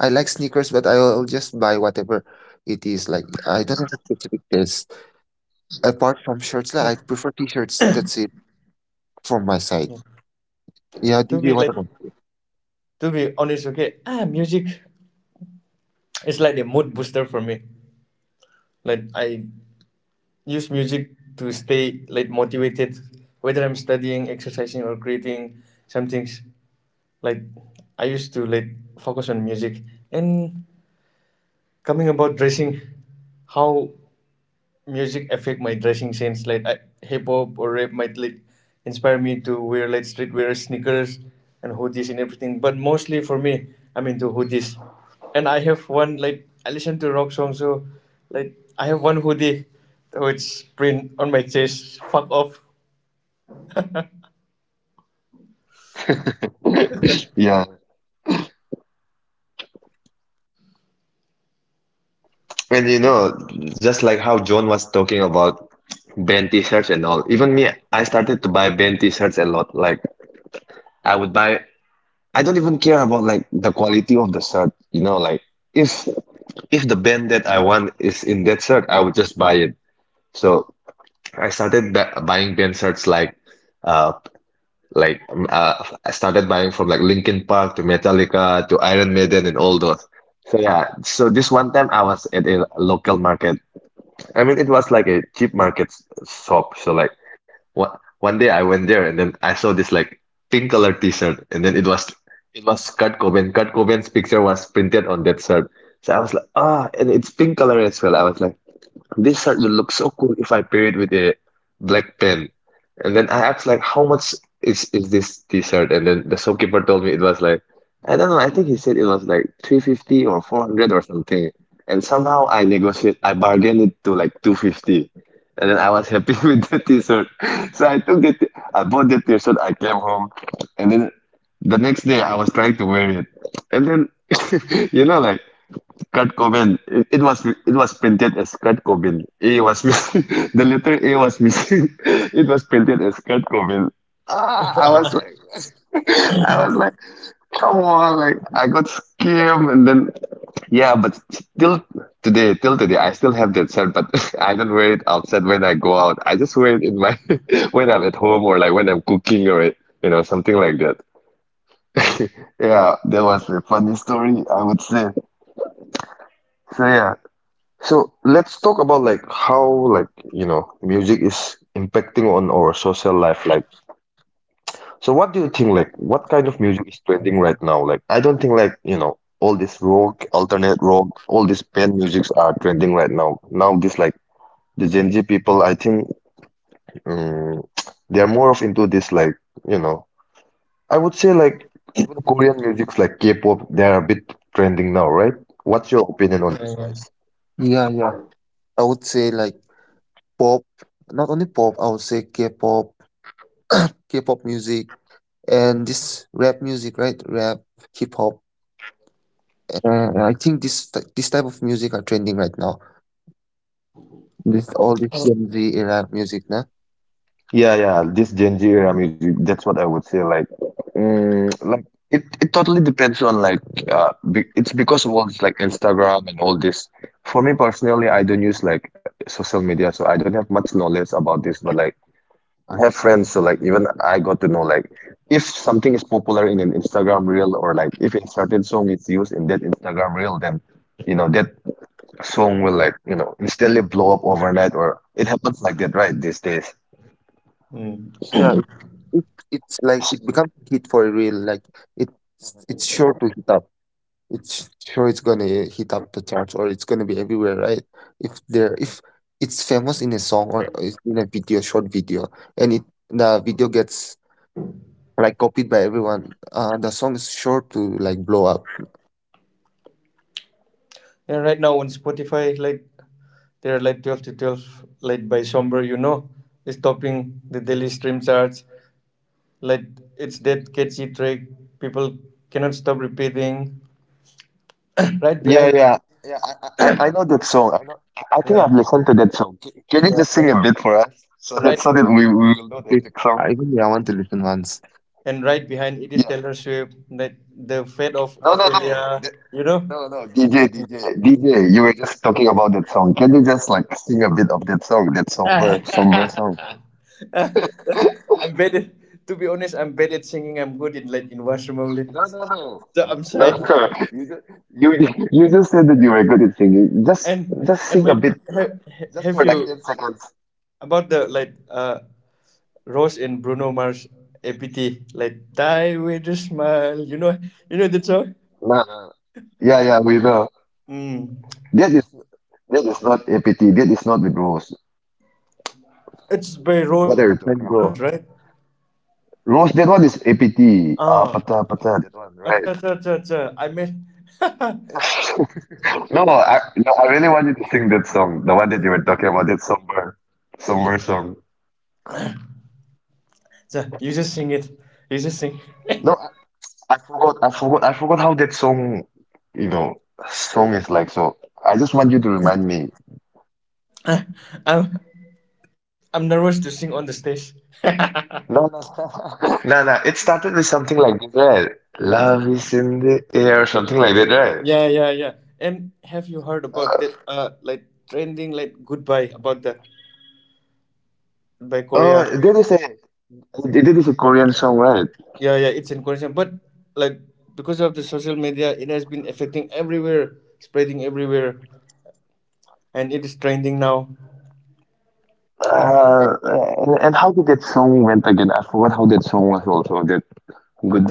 I like sneakers, but I'll just buy whatever it is. Like I don't have a specific taste. Apart from shirts, like, I prefer t-shirts. That's it from my side. Yeah, To be D J, like, what about? to be honest, okay. Ah, music. It's like a mood booster for me. Like I use music to stay like motivated, whether I'm studying, exercising, or creating some things. Like I used to like focus on music. And coming about dressing, how music affect my dressing sense. Like I, hip hop or rap might like inspire me to wear like street wear sneakers and hoodies and everything. But mostly for me, I'm into hoodies. And I have one, like I listen to rock songs, so like I have one hoodie which print on my chest. Fuck off. [coughs] Yeah, and you know, just like how John was talking about band t-shirts and all, even me, I started to buy band t-shirts a lot. Like I would buy. I don't even care about like the quality of the shirt. You know, like if if the band that I want is in that shirt, I would just buy it. So I started ba buying band shirts like, uh, like um, uh, I started buying from like Linkin Park to Metallica to Iron Maiden and all those. So yeah, so this one time I was at a local market, I mean, it was like a cheap market s- shop. So like one one day I went there and then I saw this like pink color t-shirt and then it was it was Kurt Cobain. Kurt Cobain's picture was printed on that shirt. So I was like, ah, and it's pink color as well. I was like, this shirt will look so cool if I pair it with a black pen. And then I asked like, how much is is this t-shirt? And then the shopkeeper told me it was like, I don't know, I think he said it was like three fifty or four hundred or something. And somehow I negotiate, I bargained it to like two fifty. And then I was happy [laughs] with the t-shirt. So I took it, I bought the t-shirt, I came home, and then the next day I was trying to wear it. And then, [laughs] you know, like Kurt Cobain. It, it was it was printed as Kurt Cobain. A was missing. [laughs] The letter A was missing. [laughs] It was printed as Kurt Cobain. Ah, I was like, [laughs] I was like, come on, like I got scammed. And then yeah, but till today, till today, I still have that shirt, but [laughs] I don't wear it outside when I go out. I just wear it in my [laughs] when I'm at home or like when I'm cooking or you know something like that. [laughs] Yeah, that was a funny story, I would say. So yeah. So let's talk about like how like you know music is impacting on our social life. Like, so what do you think? Like, what kind of music is trending right now? Like, I don't think like you know all this rock, alternate rock, all these band musics are trending right now. Now this like the Gen Z people, I think um, [tsk] they are more of into this like you know, I would say like, even Korean music's like K-pop, they are a bit trending now, right? What's your opinion Yeah. on this, guys? Yeah, yeah. I would say like pop, not only pop. I would say K-pop, K-pop music, and this rap music, right? Rap, hip hop. Uh, I think this ty- this type of music are trending right now. This all this Gen Z era music, nah? Yeah, yeah, this Gen Z era music, that's what I would say. Like, mm, like it, it totally depends on like, uh, be, it's because of all this like Instagram and all this. For me personally, I don't use like social media, so I don't have much knowledge about this. But like, I have friends, so like even I got to know like if something is popular in an Instagram reel or like if a certain song is used in that Instagram reel, then you know that song will like you know instantly blow up overnight, or it happens like that, right? These days. Mm. Yeah, yeah. it, it's like it becomes a hit for real. Like it's it's sure to hit up. It's sure it's gonna hit up the charts, or it's gonna be everywhere, right? If there if it's famous in a song or is in a video, short video, and it the video gets like copied by everyone, uh, the song is sure to like blow up. And right now on Spotify, like there are like twelve to twelve, like by Somber, you know, is topping the daily stream charts. Like Yes, yes, it's yes. that catchy track people cannot stop repeating. [coughs] Right Yeah, behind, yeah, yeah. I, I, I know that song. I know. I think yeah, I've listened to that song. C- Can you yeah, just sing and a bit for us so that right so that we, we will Yes, know the please. exact song? I really I want to listen once. and right behind it is Yeah. Taylor Swift, like The Fate of No, no, no. Ophelia, The- you know. no, no. D J, D J, D J. You were just talking about that song. Can you just like sing a bit of that song? That [laughs] somber, somber I'm song. bad at, to be honest, I'm bad at singing. I'm good in like in washroom only, No, no, so no, I'm no, [laughs] shy. no, You just you you just said that you were good at singing. Just And just and sing a wait bit, like have, just have for like you ten seconds. about the like uh Rose and Bruno Mars A P T, like Die with a Smile. You know, you know that song? No, no. Yeah, yeah. We know. Mm. That is that is not A P T. That is not with Rose. It's by Fifty Rose What are you and different talking Bruno bro. Mars, about? right? Rose, that one is A P T. Ah, Ah, pata pata, that one, acha, right? acha, acha, acha. I mean, [laughs] acha, [laughs] No, I no, I really wanted to sing that song, the one that you were talking about, that somber, somber song. you just sing it. You just sing. [laughs] No, I, I forgot, I forgot, I forgot how that song, you know, song is like. So I just want you to remind me. Ah, I'm, I'm nervous to sing on the stage. No, no, stop. No, no. It started with something like this, right? Love is in the air, something like that, right? Yeah, yeah, yeah. And have you heard about that? Uh, like trending, like goodbye about the by Korea. Oh, that is it. It it is a Korean song, right? Yeah, yeah, it's encouraging, but like because of the social media it has been affecting everywhere, spreading everywhere, and it is trending now. Uh, and, and how did that song went again? I forgot how that song was also. That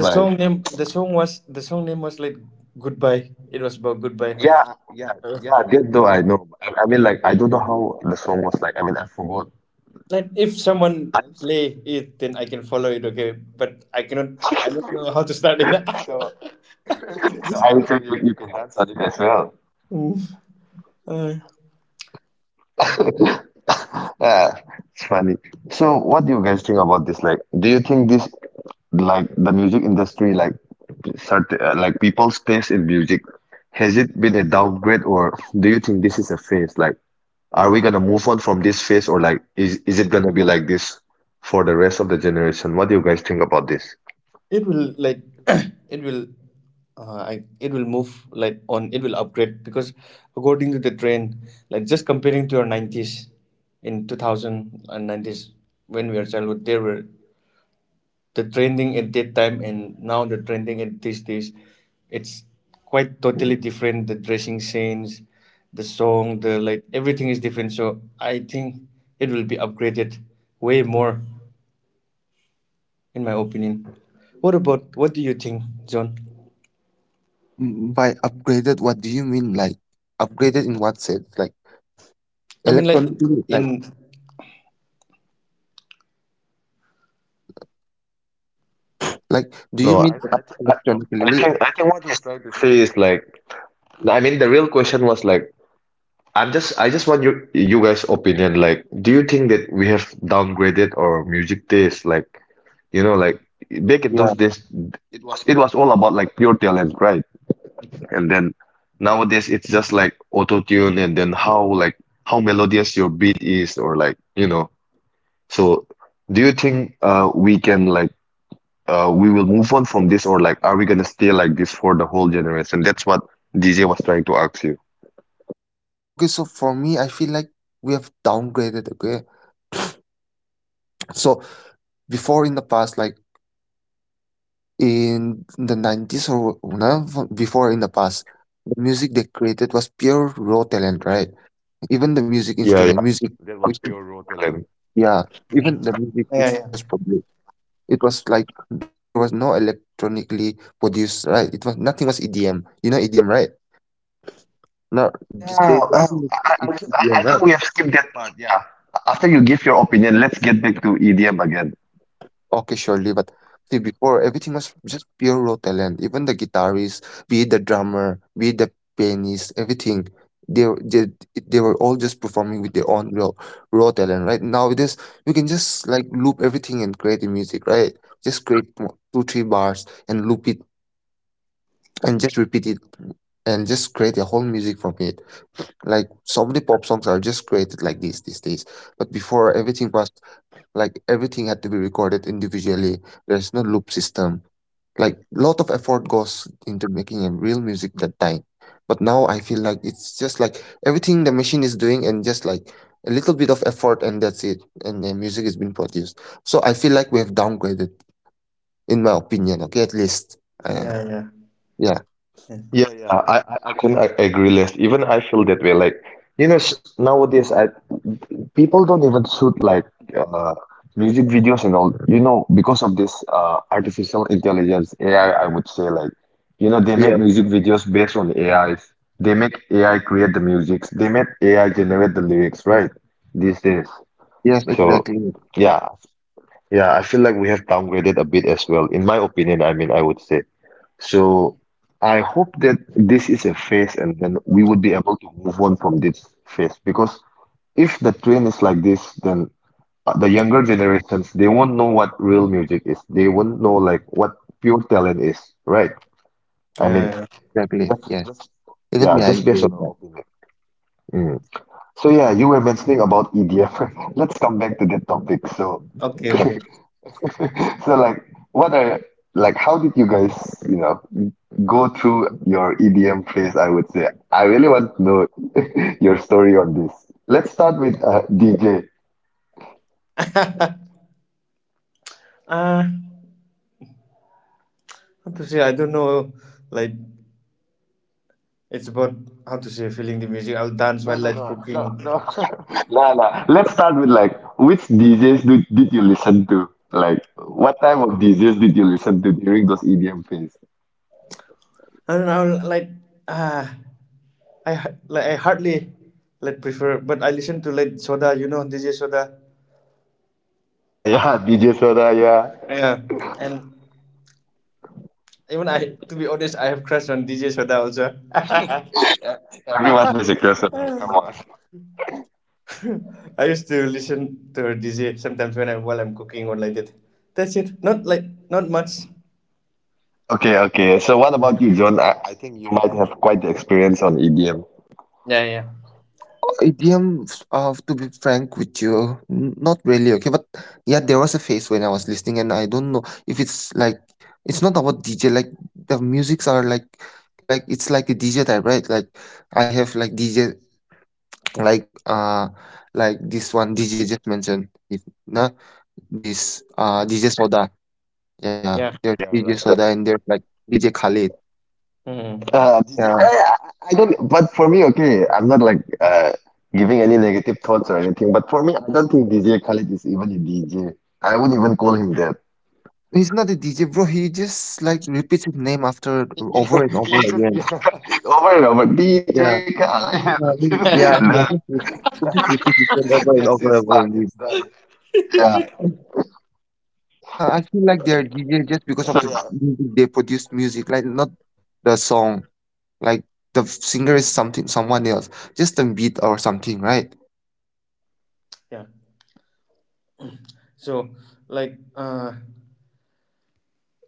The song name, the song was the song name was like goodbye. It was about goodbye. Yeah, yeah, Uh, yeah. That though I know. I, I mean, like I don't know how the song was like. I mean, I forgot. like if someone play it then I can follow it, okay, but I cannot. I don't know how to start it. [laughs] [laughs] So I would Just- say you, you can answer it as well. Mm. Uh, Yeah, it's funny. So what do you guys think about this? Like, do you think this like the music industry, like certain uh, like people's taste in music, has it been a downgrade, or do you think this is a phase? Like. Are we gonna move on from this phase, or like is is it gonna be like this for the rest of the generation? What do you guys think about this? it will like [coughs] [clears throat] it will uh, I, it will move like on, it will upgrade because according to the trend, like just comparing to your nineties, in two thousand and nineties when we are childhood, there were the trending at that time, and now the trending at these days, it's quite totally different, the dressing sense, the song, the like everything is different. So I think it will be upgraded way more, in my opinion. What about, what do you think, John? Mm, By upgraded, what do you mean? Like upgraded in what sense? Like I mean, like electronically, like in, yeah. Like, No, do you no, mean I, I, e- I I electronically? think I think what he's trying to say is, like, I mean the real question was like, I'm just I just want you you guys' opinion. Like, do you think that we have downgraded our music taste? Like, you know, like, back in Yeah. those days, it was it was all about like pure talent, right? And then nowadays it's just like auto tune, and then how like how melodious your beat is, or like, you know. So, do you think uh, we can like uh, we will move on from this, or like are we gonna stay like this for the whole generation? That's what D J was trying to ask you. Okay, so for me, I feel like we have downgraded, okay? So before in the past, like in the nineties, or you know, f- before in the past, the music they created was pure raw talent, right? Even the music Yeah, instrument, yeah. music It was which pure raw talent. yeah, even the music yeah, which yeah, was produced, it was like there was no electronically produced, right? It was nothing. Was E D M. You know E D M, right? Now Oh these yeah. days Oh, everything I, I, is is I, E D M, I think right? we have skipped that part. Yeah. After you give your opinion, let's get back to E D M again. Okay, surely. But see, before everything was just pure raw talent. Even the guitarist, be it the drummer, be it the pianist, everything. They, were- they they were all just performing with their own real raw talent, right? Nowadays, you can just like loop everything and create the music, right? Just create mo- two, three bars and loop it and just repeat it and just create a whole music from it. Like so many pop songs are just created like this these days. But before everything was like everything had to be recorded individually. There's no loop system, like lot of effort goes into making a real music that time. But now I feel like it's just like everything the machine is doing and just like a little bit of effort and that's it. And the music is being produced. So I feel like we have downgraded, in my opinion, okay, at least. Uh, yeah, yeah, yeah. yeah, Yeah, yeah, I, I I couldn't a- agree less. Even I feel that way. Like, you know, s- nowadays, I people don't even shoot like uh, music videos and all. You know, because of this uh, artificial intelligence, A I, I I would say, like, you know, they make Yes, music videos based on A Is. They make yeah, A I yeah. create the music. They make A I generate the lyrics, right? These days. Yes, So, exactly. yeah, yeah, I feel like we have downgraded a bit as well. In my opinion, I mean, I would say. So I hope that this is a phase, and then we would be able to move on from this phase, because if the trend is like this, then uh, the younger generations, they won't know what real music is. They won't know like what pure talent is, right? I yeah, mean, Yes, yeah. exactly. just Yes. just Even yeah, me, I just agree based on with our that. opinion. Mm. So yeah, you were mentioning about E D F. [laughs] Let's come back to that topic. So Okay, [laughs] okay. so like, what are like, how did you guys, you know, go through your E D M phase, I would say. I really want to know [laughs] your story on this. Let's start with uh, D J. Uh how to say? I don't know. Like it's about how to say feeling the music. I'll dance No, while no, like no, no, cooking. no, [laughs] no, no. Let's start with like which D Js do, did you listen to? Like what type of D Js did you listen to during those E D M phase? I don't know. I'll, like ah, I ha- like I hardly like prefer, but I listen to like Soda. You know D J Soda. Yeah, [laughs] yeah, D J Soda, yeah. Yeah, and even I, to be honest, I have crush on D J Soda also. [laughs] Everyone has a crush on her. Come on. [laughs] I used to listen to a D J sometimes when I while I'm cooking or like that. That's it. Not like not much. Okay, okay. So what about you, John? I, I think you might have quite the experience on E D M. Yeah, yeah, Idioms, uh, to be frank with you, n- not really, okay? But yeah, there was a phase when I was listening, and I don't know if it's like it's not about D J. Like the musics are like like it's like a D J type, right? Like I have like D J like uh like this one D J just mentioned, if not this uh D J Soda, yeah, yeah, there's Yeah, yeah, D J right, Soda right. and there's like D J Khalid, hmm, Uh, yeah. I I don't, but for me, okay, I'm not like uh, giving any negative thoughts or anything. But for me, I don't think D J Khaled is even a D J. I wouldn't even call him that. He's not a D J, bro. He just like repeats his name after [laughs] You know, over and over he just again. [laughs] over and over, D J Yeah. Khaled. No, I mean, [laughs] yeah, yeah, just re- That- just repeat the same [laughs] over and That's his over and over part. and re- It's done. Yeah. I, I feel like they're D J just because So of the yeah. music they produce music, like not the song. Like the f- singer is something someone else. Just the beat or something, right? yeah. So like, uh,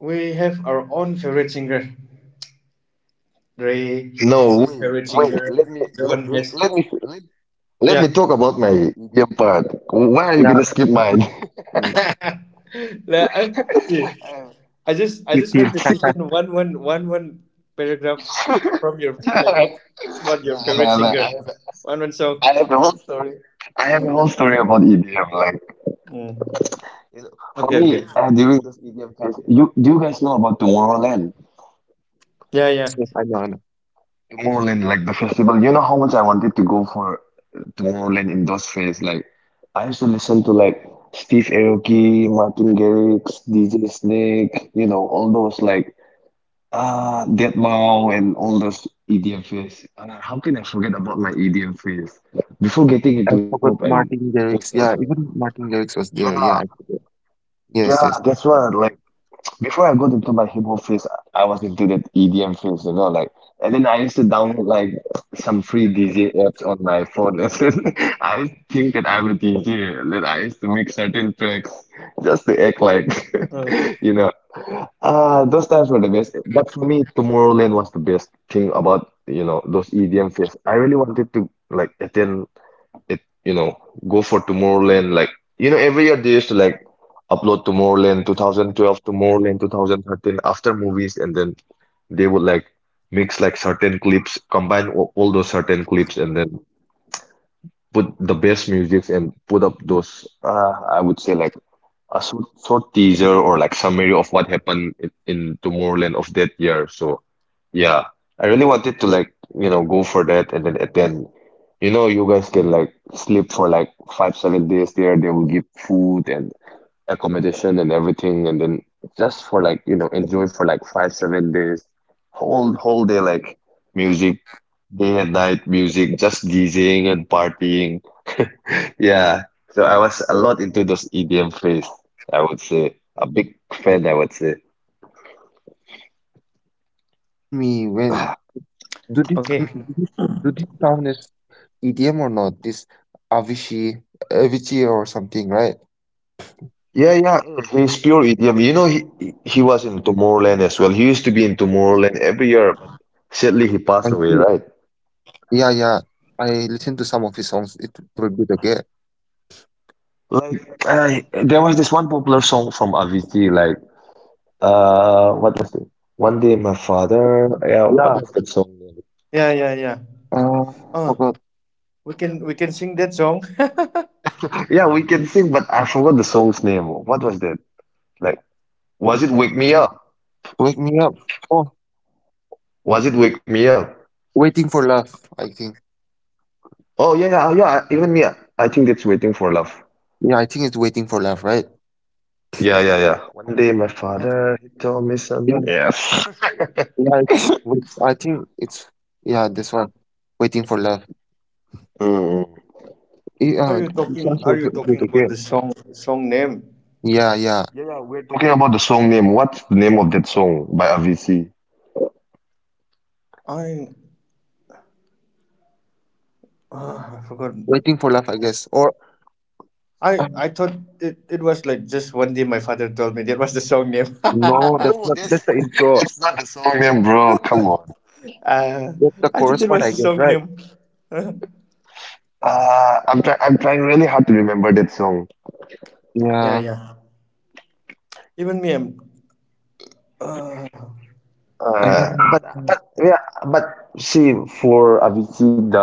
we have our own favorite singer. Ray has No, his wait, favorite wait. singer. Let me John has, let yeah. me talk about my E D M part. Why are you Yeah. gonna skip Just a mine? [laughs] mm, [laughs] Like, I, see, I just I whiskey just team. want to listen one one one one paragraph from your like Sorry. what your Nah, favorite nah, nah. singer, I, one one song. I have a whole story. I have a whole story about E D M. Like. Mm. For Okay, okay. me, uh, during this E D M fest, you do you guys know about Tomorrowland? Yeah, yeah. Yes, yes, I know, I know. Tomorrowland, like the festival. You know how much I wanted to go for Tomorrowland in those fairs. Like I used to listen to like Steve Aoki, Martin Garrix, D J Snake. You know all those like ah Deadmau, and all those E D M fairs. And I- how can I forget about my E D M fairs? Before Oh my getting god, I into hip forgot hop and Martin pop Garrix. Yeah, culture. even Martin Garrix was there, yeah. Yeah, I forgot. Yes, yeah, yes. that's right. Like. Before I got into my hip hop phase, I was into that E D M phase, you know, like, and then I used to download like some free D J apps on my phone. [laughs] And then I used to think that I'm a D J, and then I used to make certain tracks just to Uh, act like, [laughs] you know, uh, those times were the best. But for me, Tomorrowland was the best thing about, you know, those E D M fests. I really wanted to like attend it, you know, go for Tomorrowland. Like, you know, every year they used to like upload Tomorrowland two thousand twelve, Tomorrowland two thousand thirteen after movies, and then they would like mix like certain clips, combine all, all those certain clips, and then put the best music and put up those uh, I would say like a short, short teaser or like summary of what happened in, in Tomorrowland of that year. So yeah, I really wanted to like, you know, go for that. And then at then you know you guys can like sleep for like five, seven days there. They will give food and accommodation and everything, and then just for like, you know, enjoy for like five, seven days. Whole whole day, like music, day and night music, just DJing and partying. Yeah. So I was a lot into those E D M phase, I would say. A big fan, I would say. [sighs] Even me when okay. do this thing- do this do this sound is E D M or not? This Avicii, Avicii or something, right? Yeah, yeah, he's pure E D M. You know, he he he was in Tomorrowland as well. He used to be in Tomorrowland every year, but sadly I he did. passed away, right? Yeah, yeah. I listened to some of his songs. It they were good. Okay. Like, I there was this one popular song from Avicii, like, uh, what was it? One Day My Father. Yeah, Yeah. what was that song name? Yeah, yeah, yeah. Uh, Uh, forgot. we can we can sing that song. Yeah, we can sing, but I forgot the song's name. What was that? Like, was it Wake Me Up? Wake me up. Oh, Was it Wake Me Up? waiting for love. I think. Oh yeah, yeah, yeah. I- Even me, I think that's waiting for love. Yeah, I think it's waiting for love, right? Yeah, yeah, yeah. One day, my father, he told me Yeah. something. Yes. [laughs] Yeah, it's. Wait- I think it's. Yeah, this one. Waiting for love. Mm. Eh, [laughs] Uh, Are you it's talking, also Are you good good, talking okay. about the song song name? Yeah, yeah. Talking about the song name, what's the name of that song by Avicii? I uh, I forgot. Waiting for love, I guess. Or I um, I thought it, it was like just one day my father told me that was the song name. [laughs] no, that's not. That's the intro. It's not the song name, bro. Come on. uh, That's the I chorus thought it part, I was the guess, song right? name. Uh, Uh, I'm trying. I'm trying really hard to remember that song. yeah, Yeah. yeah. Even me, I'm. Uh, I don't Uh, know. but but yeah, but see, for Avicii, the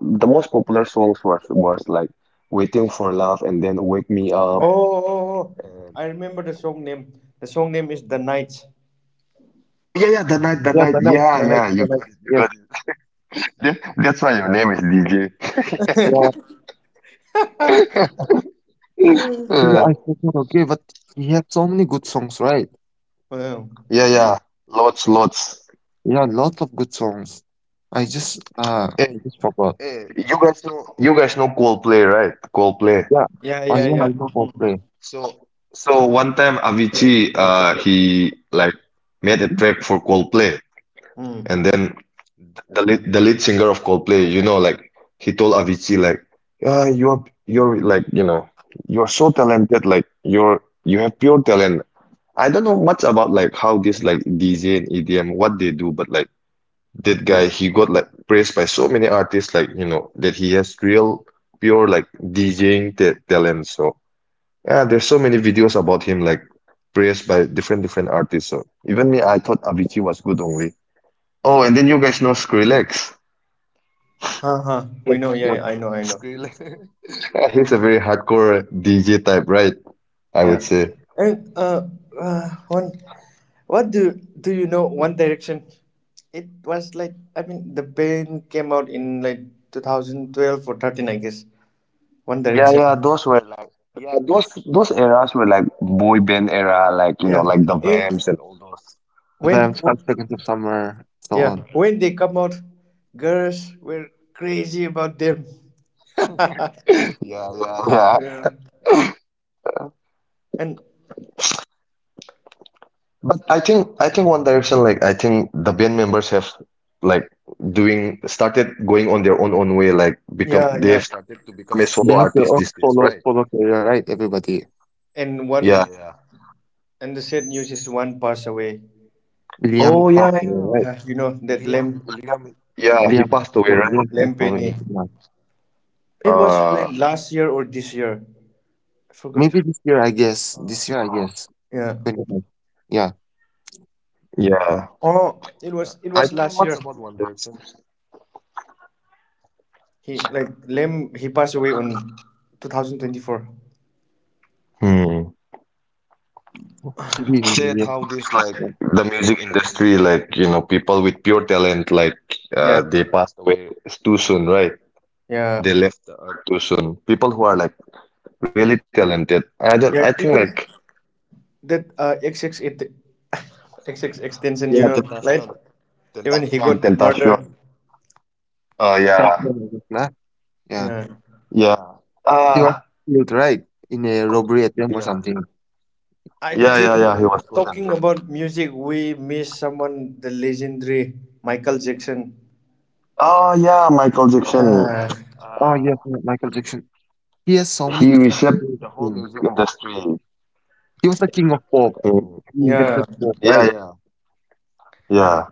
the most popular songs was was like "Waiting for Love" and then "Wake Me Up." oh, oh, oh, oh. And, I remember the song name. The song name is The Night. oh yeah, yeah, the night, the Yeah, night. the night, Yeah, the Yeah. night, yeah. the you night. got it, You Yeah, got it. That- That's why your name is D J. yeah. [laughs] [laughs] Yeah, Uh, I forgot. Okay, but he had so many good songs, right? Wow. yeah, yeah, lots, lots. Yeah, lots of good songs. I just, uh, I Hey, just forgot. hey, you guys know, you guys know Coldplay, right? Coldplay. Yeah. Yeah, Oh, yeah, yeah, I yeah. know Coldplay. Mm. So, so one time Avicii, uh, he like made a track for Coldplay, and Mm. then the lead, the lead singer of Coldplay, you know, like, he told Avicii, like, yeah, you're you're like, you know, you're so talented, like you're you have pure talent. I don't know much about like how this like D J and E D M, what they do, but like that guy, he got like praised by so many artists, like, you know, that he has real pure like DJing ta talent. So yeah, there's so many videos about him like praised by different different artists. So even me, I thought Avicii was good only. Oh, and then you guys know Skrillex. Huh, I huh. guess they We like, know. Yeah, yeah, yeah, I know, I know. Skrillex. [laughs] Yeah, he's a very hardcore D J type, right, I Yeah. would say. And uh, uh one, what do do you know? One Direction. It was like, I mean the band came out in like two thousand twelve or thirteen, I guess. One Yeah, Direction. yeah, those were yeah, those those eras were like boy band era, like, you know, Yeah. like the It, Vamps and all. the when, Vamps, Five Seconds of Summer, so yeah, on. when they come out, girls were crazy about them. [laughs] [laughs] Yeah, Yeah. And like yeah, yeah. They have their own solo solo career, right? Everybody. And one and the sad news is one passed away. Liam oh yeah passed yeah away, right? Yeah, you know that lamb. yeah he Liam, passed away yeah, right. Liam passed away. Lempeni. Yeah. It was Uh, when, last year or this year. I forgot. Maybe this year, I guess. This year, I guess. Yeah. 25. Yeah, yeah. Oh, it was, it was last year. He like Lem he passed away on twenty twenty-four. Hmm. it's always been. In Say, the year. Yeah. the music industry, like, you know, people with pure talent, like, uh, Yeah. they passed away too soon, right? Yeah. They left out too soon. People who are like really, Yeah, even that uh X X it [laughs] X X extension, you yeah, know, like Tentacion, even he Tentacion, got Tentacion. murdered. Uh, And that's yeah, when I guess. Yeah. Yeah. yeah. He was Ah, killed, right? In a okay. robbery attempt or Yeah, something. I yeah, think yeah, yeah. he- talking about music, we miss someone, the legendary Michael Jackson. Oh, yeah, Michael Jackson. Ah, Oh, yes, yeah, Michael He Jackson. He has so he many good songs reshaped the whole about him. music industry. He was the king of pop. Mm, He yeah. invented pop, yeah, right? yeah, yeah.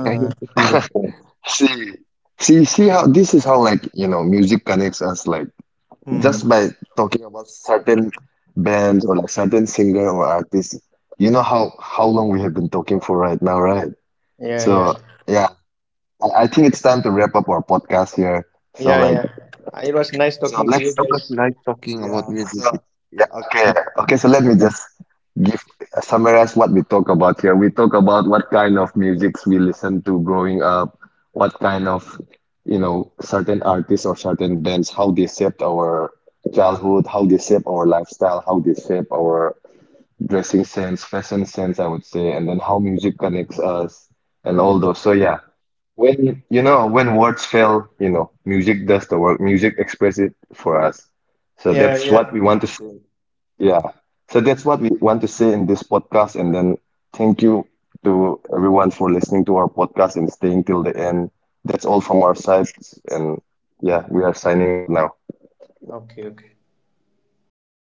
Yeah, he was the king of pop. [laughs] See, see, see how this is how, like, you know, music connects us. Like, just by hmm. talking about certain bands or like certain singer or artist, you know how how long we have been talking for right now, right? Yeah, yeah, So yeah, I, I think it's time to wrap up our podcast here. So yeah, like, yeah. Uh, it was nice so talking to let's you Yeah, it was guys. nice talking about yeah, music so with yeah, okay. Okay, so let me uh, just give uh, summarize what we talk about here. We talk about what kind of musics we listen to growing up, what kind of, you know, certain artists or certain bands, how they shaped our childhood, how they shape our lifestyle, how they shape our dressing sense, fashion sense, I would say, and then how music connects us and all Hmm. those. So yeah, when you know, when words fail, you know, music does the work. Music expresses it for us. So Yeah, that's yeah. what we want to say. Yeah. So that's what we want to say in this podcast. And then thank you to everyone for listening to our podcast and staying till the end. That's all from our side. And yeah, we are signing out now. Okay, okay. everyone.